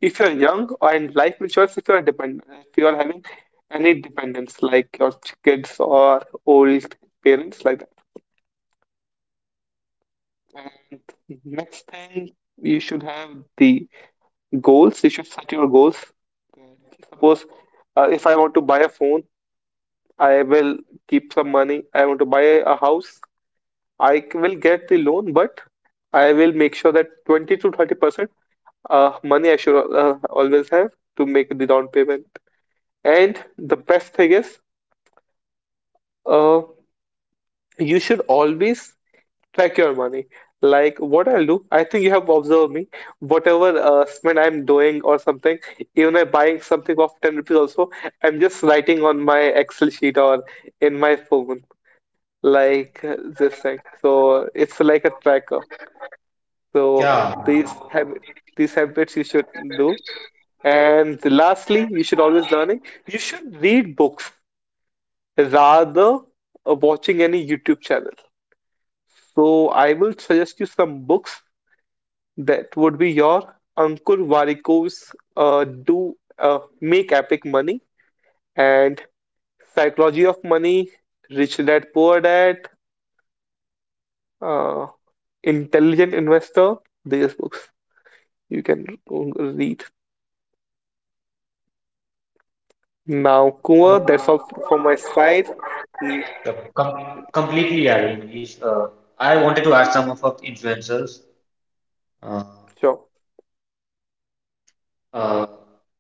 [SPEAKER 2] if you are young. And life insurance if you are dependent, if you are having any dependents like your kids or old parents, like that. And next thing, you should have the goals you should set your goals. Suppose, if I want to buy a phone, I will keep some money. I want to buy a house, I will get the loan. But I will make sure that 20 to 30% money I should always have, to make the down payment. And the best thing is, uh, you should always track your money. Like what I'll do, I think you have observed me. Whatever spend I'm doing or something, even I buying something of 10 rupees also, I'm just writing on my Excel sheet or in my phone, like this thing. So it's like a tracker. So
[SPEAKER 1] Yeah,
[SPEAKER 2] these habit, these habits you should do. And lastly, you should always learning. You should read books rather watching any YouTube channel. So I will suggest you some books. That would be your Ankur Varikos. Do Make Epic Money, and Psychology of Money, Rich Dad Poor Dad, uh, Intelligent Investor. These books you can read. Now, Kumar, that's all
[SPEAKER 1] com-
[SPEAKER 2] from my side. Mm,
[SPEAKER 1] com- completely. I mean, if, I wanted to add some of our influencers. Uh,
[SPEAKER 2] sure.
[SPEAKER 1] uh,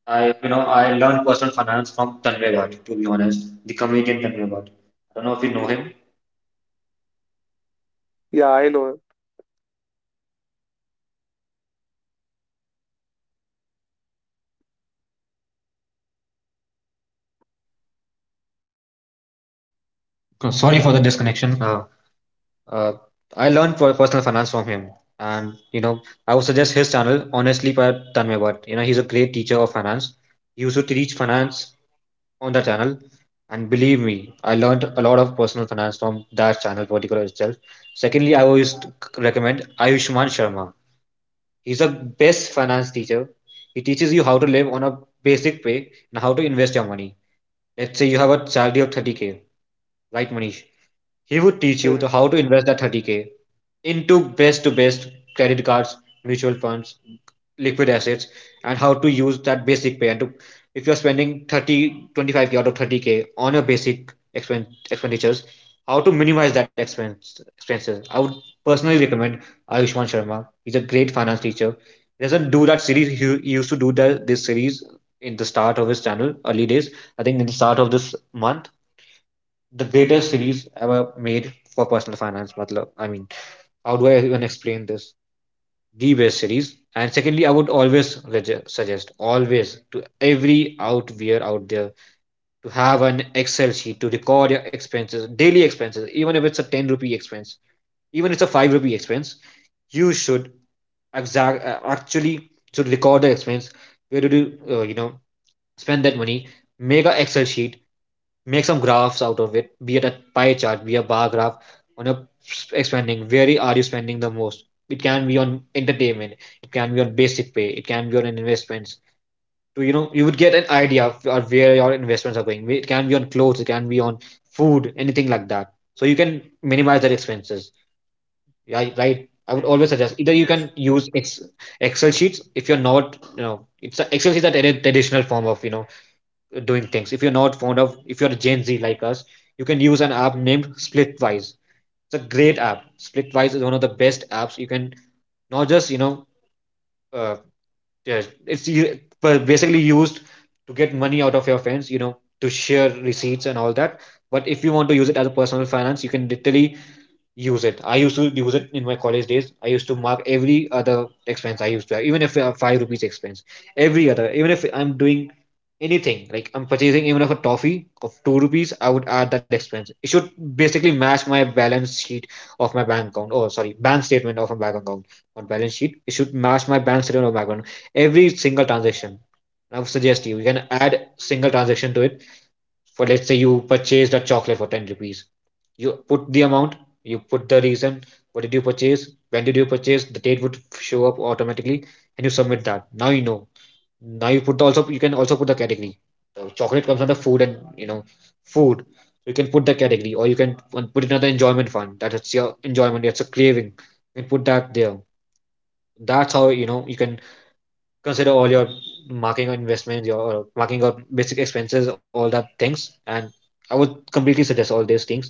[SPEAKER 1] I, you know, I learned personal finance from Tanvay Bhatt, to be honest, the comedian Tanvay Bhatt. I don't know if you know him.
[SPEAKER 2] Yeah, I know.
[SPEAKER 1] Sorry for the disconnection. uh, I learned personal finance from him, and you know, I would suggest his channel honestly by Tanmaybat. You know, he's a great teacher of finance. He used to teach finance on the channel, and believe me, I learned a lot of personal finance from that channel particular itself. Secondly, I always recommend Ayushman Sharma. He's the best finance teacher. He teaches you how to live on a basic pay and how to invest your money. Let's say you have a salary of 30k, right, Manish? He would teach you
[SPEAKER 2] Hmm.
[SPEAKER 1] the how to invest that 30k into best to best credit cards, mutual funds, liquid assets, and how to use that basic pay. And to, if you're spending 30, 25k out of 30k on your basic expenditures, how to minimize that expenses. I would personally recommend Ayushman Sharma. He's a great finance teacher. He doesn't do that series. He used to do that this series in the start of his channel, early days. I think in the start of this month, the greatest series ever made for personal finance. Matlab, I mean, how do I even explain this? The best series. And secondly, I would always suggest, always to every outwear out there to have an Excel sheet to record your expenses, daily expenses, even if it's a 10 rupee expense, even if it's a 5 rupee expense, you should exact actually should record the expense. Where did you, you know, spend that money? Make an Excel sheet, make some graphs out of it, be it a pie chart, be a bar graph on your spending. Where are you spending the most? It can be on entertainment, it can be on basic pay, it can be on investments. So you know, you would get an idea of where your investments are going. It can be on clothes, it can be on food, anything like that, so you can minimize that expenses. Yeah, right. I would
[SPEAKER 2] Hmm.
[SPEAKER 1] always suggest either you
[SPEAKER 2] Yes.
[SPEAKER 1] can use Excel sheets. If you're not, you know, Excel sheets are a traditional form of, you know, doing things. If you're not fond of, if you're a Gen Z like us, you can use an app named Splitwise. It's a great app. Splitwise is one of the best apps. You can not just, you know, uh, yeah, basically used to get money out of your friends. You know, to share receipts and all that. But if you want to use it as a personal finance, you can literally use it. I used to use it in my college days. I used to mark every other expense I used to have, even if a 5 rupees expense, every other, even if I'm doing anything, like I'm purchasing, even if a toffee of 2 rupees, I would add that expense. It should basically match my balance sheet of my bank account. Oh, sorry, bank statement of my bank account, not balance sheet. It should match my bank statement of my account. Every single transaction. I would suggest you, you can add single transaction to it. For let's say you purchased a chocolate for 10 rupees, you put the amount, you put the reason, what did you purchase, when did you purchase, the date would show up automatically, and you submit that. Now you know, now you put the, also you can also put the category. The chocolate comes under food, and you know, food. So, you can put the category or you can put another enjoyment fund that it's your enjoyment, it's a craving, you can put that there. That's how, you know, you can consider all your marketing or investments, your marketing or basic expenses, all that things. And I would completely suggest all these things.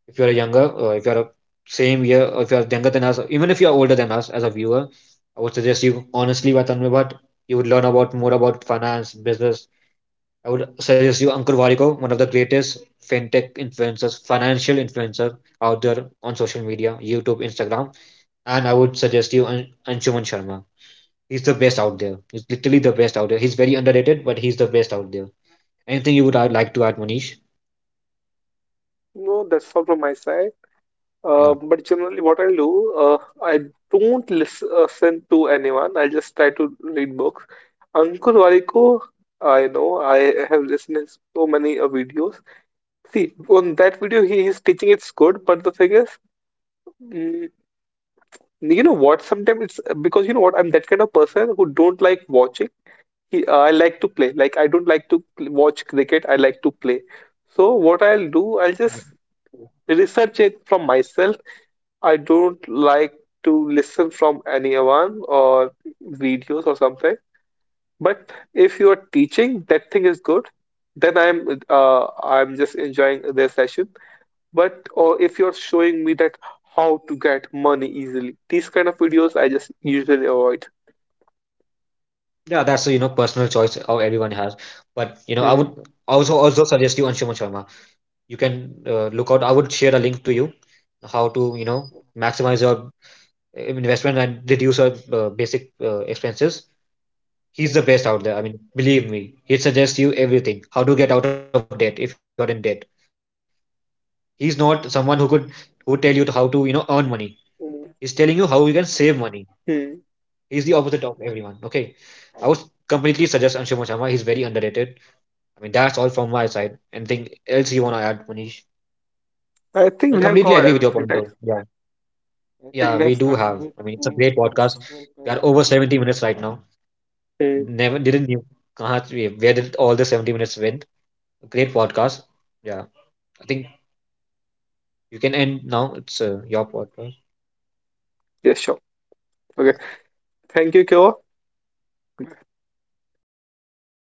[SPEAKER 1] If you're younger, if you're same year, or if you're younger than us, even if you're older than us as a viewer, I would suggest you honestly by Tanmay Bhatt. You would learn about more about finance, business. I would suggest you Ankur Variko, one of the greatest fintech influencers, financial influencer out there on social media, YouTube, Instagram. And I would suggest you Anshuman Sharma. He's the best out there. He's literally the best out there. He's very underrated, but he's the best out there. Anything you would like to add, Manish?
[SPEAKER 2] No, that's all from my side.
[SPEAKER 1] Yeah.
[SPEAKER 2] But generally, what I'll do, I don't listen to anyone. I just try to read books. Ankur Wariko, I know, I have listened to so many videos. See, on that video, he is teaching it's good, but the thing is, mm, you know what? Sometimes it's because you know what? I'm that kind of person who don't like watching. I like to play. Like, I don't like to watch cricket. I like to play. So what I'll do, I'll just research it from myself. I don't like to listen from anyone or videos or something. But if you are teaching, that thing is good. Then I'm just enjoying their session. But or if you're showing me that how to get money easily, these kind of videos I just usually avoid.
[SPEAKER 1] Yeah, that's a, you know, personal choice how everyone has. But you know, I would
[SPEAKER 2] Hmm.
[SPEAKER 1] also suggest you Anshuman Sharma. You can look out. I would share a link to you how to, you know, maximize your investment and reduce your basic expenses. He's the best out there. I mean, believe me, he suggests you everything. How to get out of debt if you're in debt. He's not someone who could who tell you how to, you know, earn money. He's telling you how you can save money.
[SPEAKER 2] Hmm.
[SPEAKER 1] He's the opposite of everyone. Okay, I would completely suggest Anshuman Sharma. He's very underrated. I mean, that's all from my side. Anything else you want to add, Manish?
[SPEAKER 2] I think
[SPEAKER 1] I
[SPEAKER 2] we have
[SPEAKER 1] completely
[SPEAKER 2] covered
[SPEAKER 1] agree with your
[SPEAKER 2] everything,
[SPEAKER 1] point,
[SPEAKER 2] right?
[SPEAKER 1] though. Yeah.
[SPEAKER 2] I think
[SPEAKER 1] Yeah,
[SPEAKER 2] we have
[SPEAKER 1] we do
[SPEAKER 2] started
[SPEAKER 1] have.
[SPEAKER 2] with.
[SPEAKER 1] I mean, it's a great podcast. We are over 70 minutes right now.
[SPEAKER 2] Hmm.
[SPEAKER 1] Never didn't you? Where did all the 70 minutes went? Great podcast. Yeah. I think you can end now. It's your podcast.
[SPEAKER 2] Yeah, sure. Okay. Thank you, Kyo.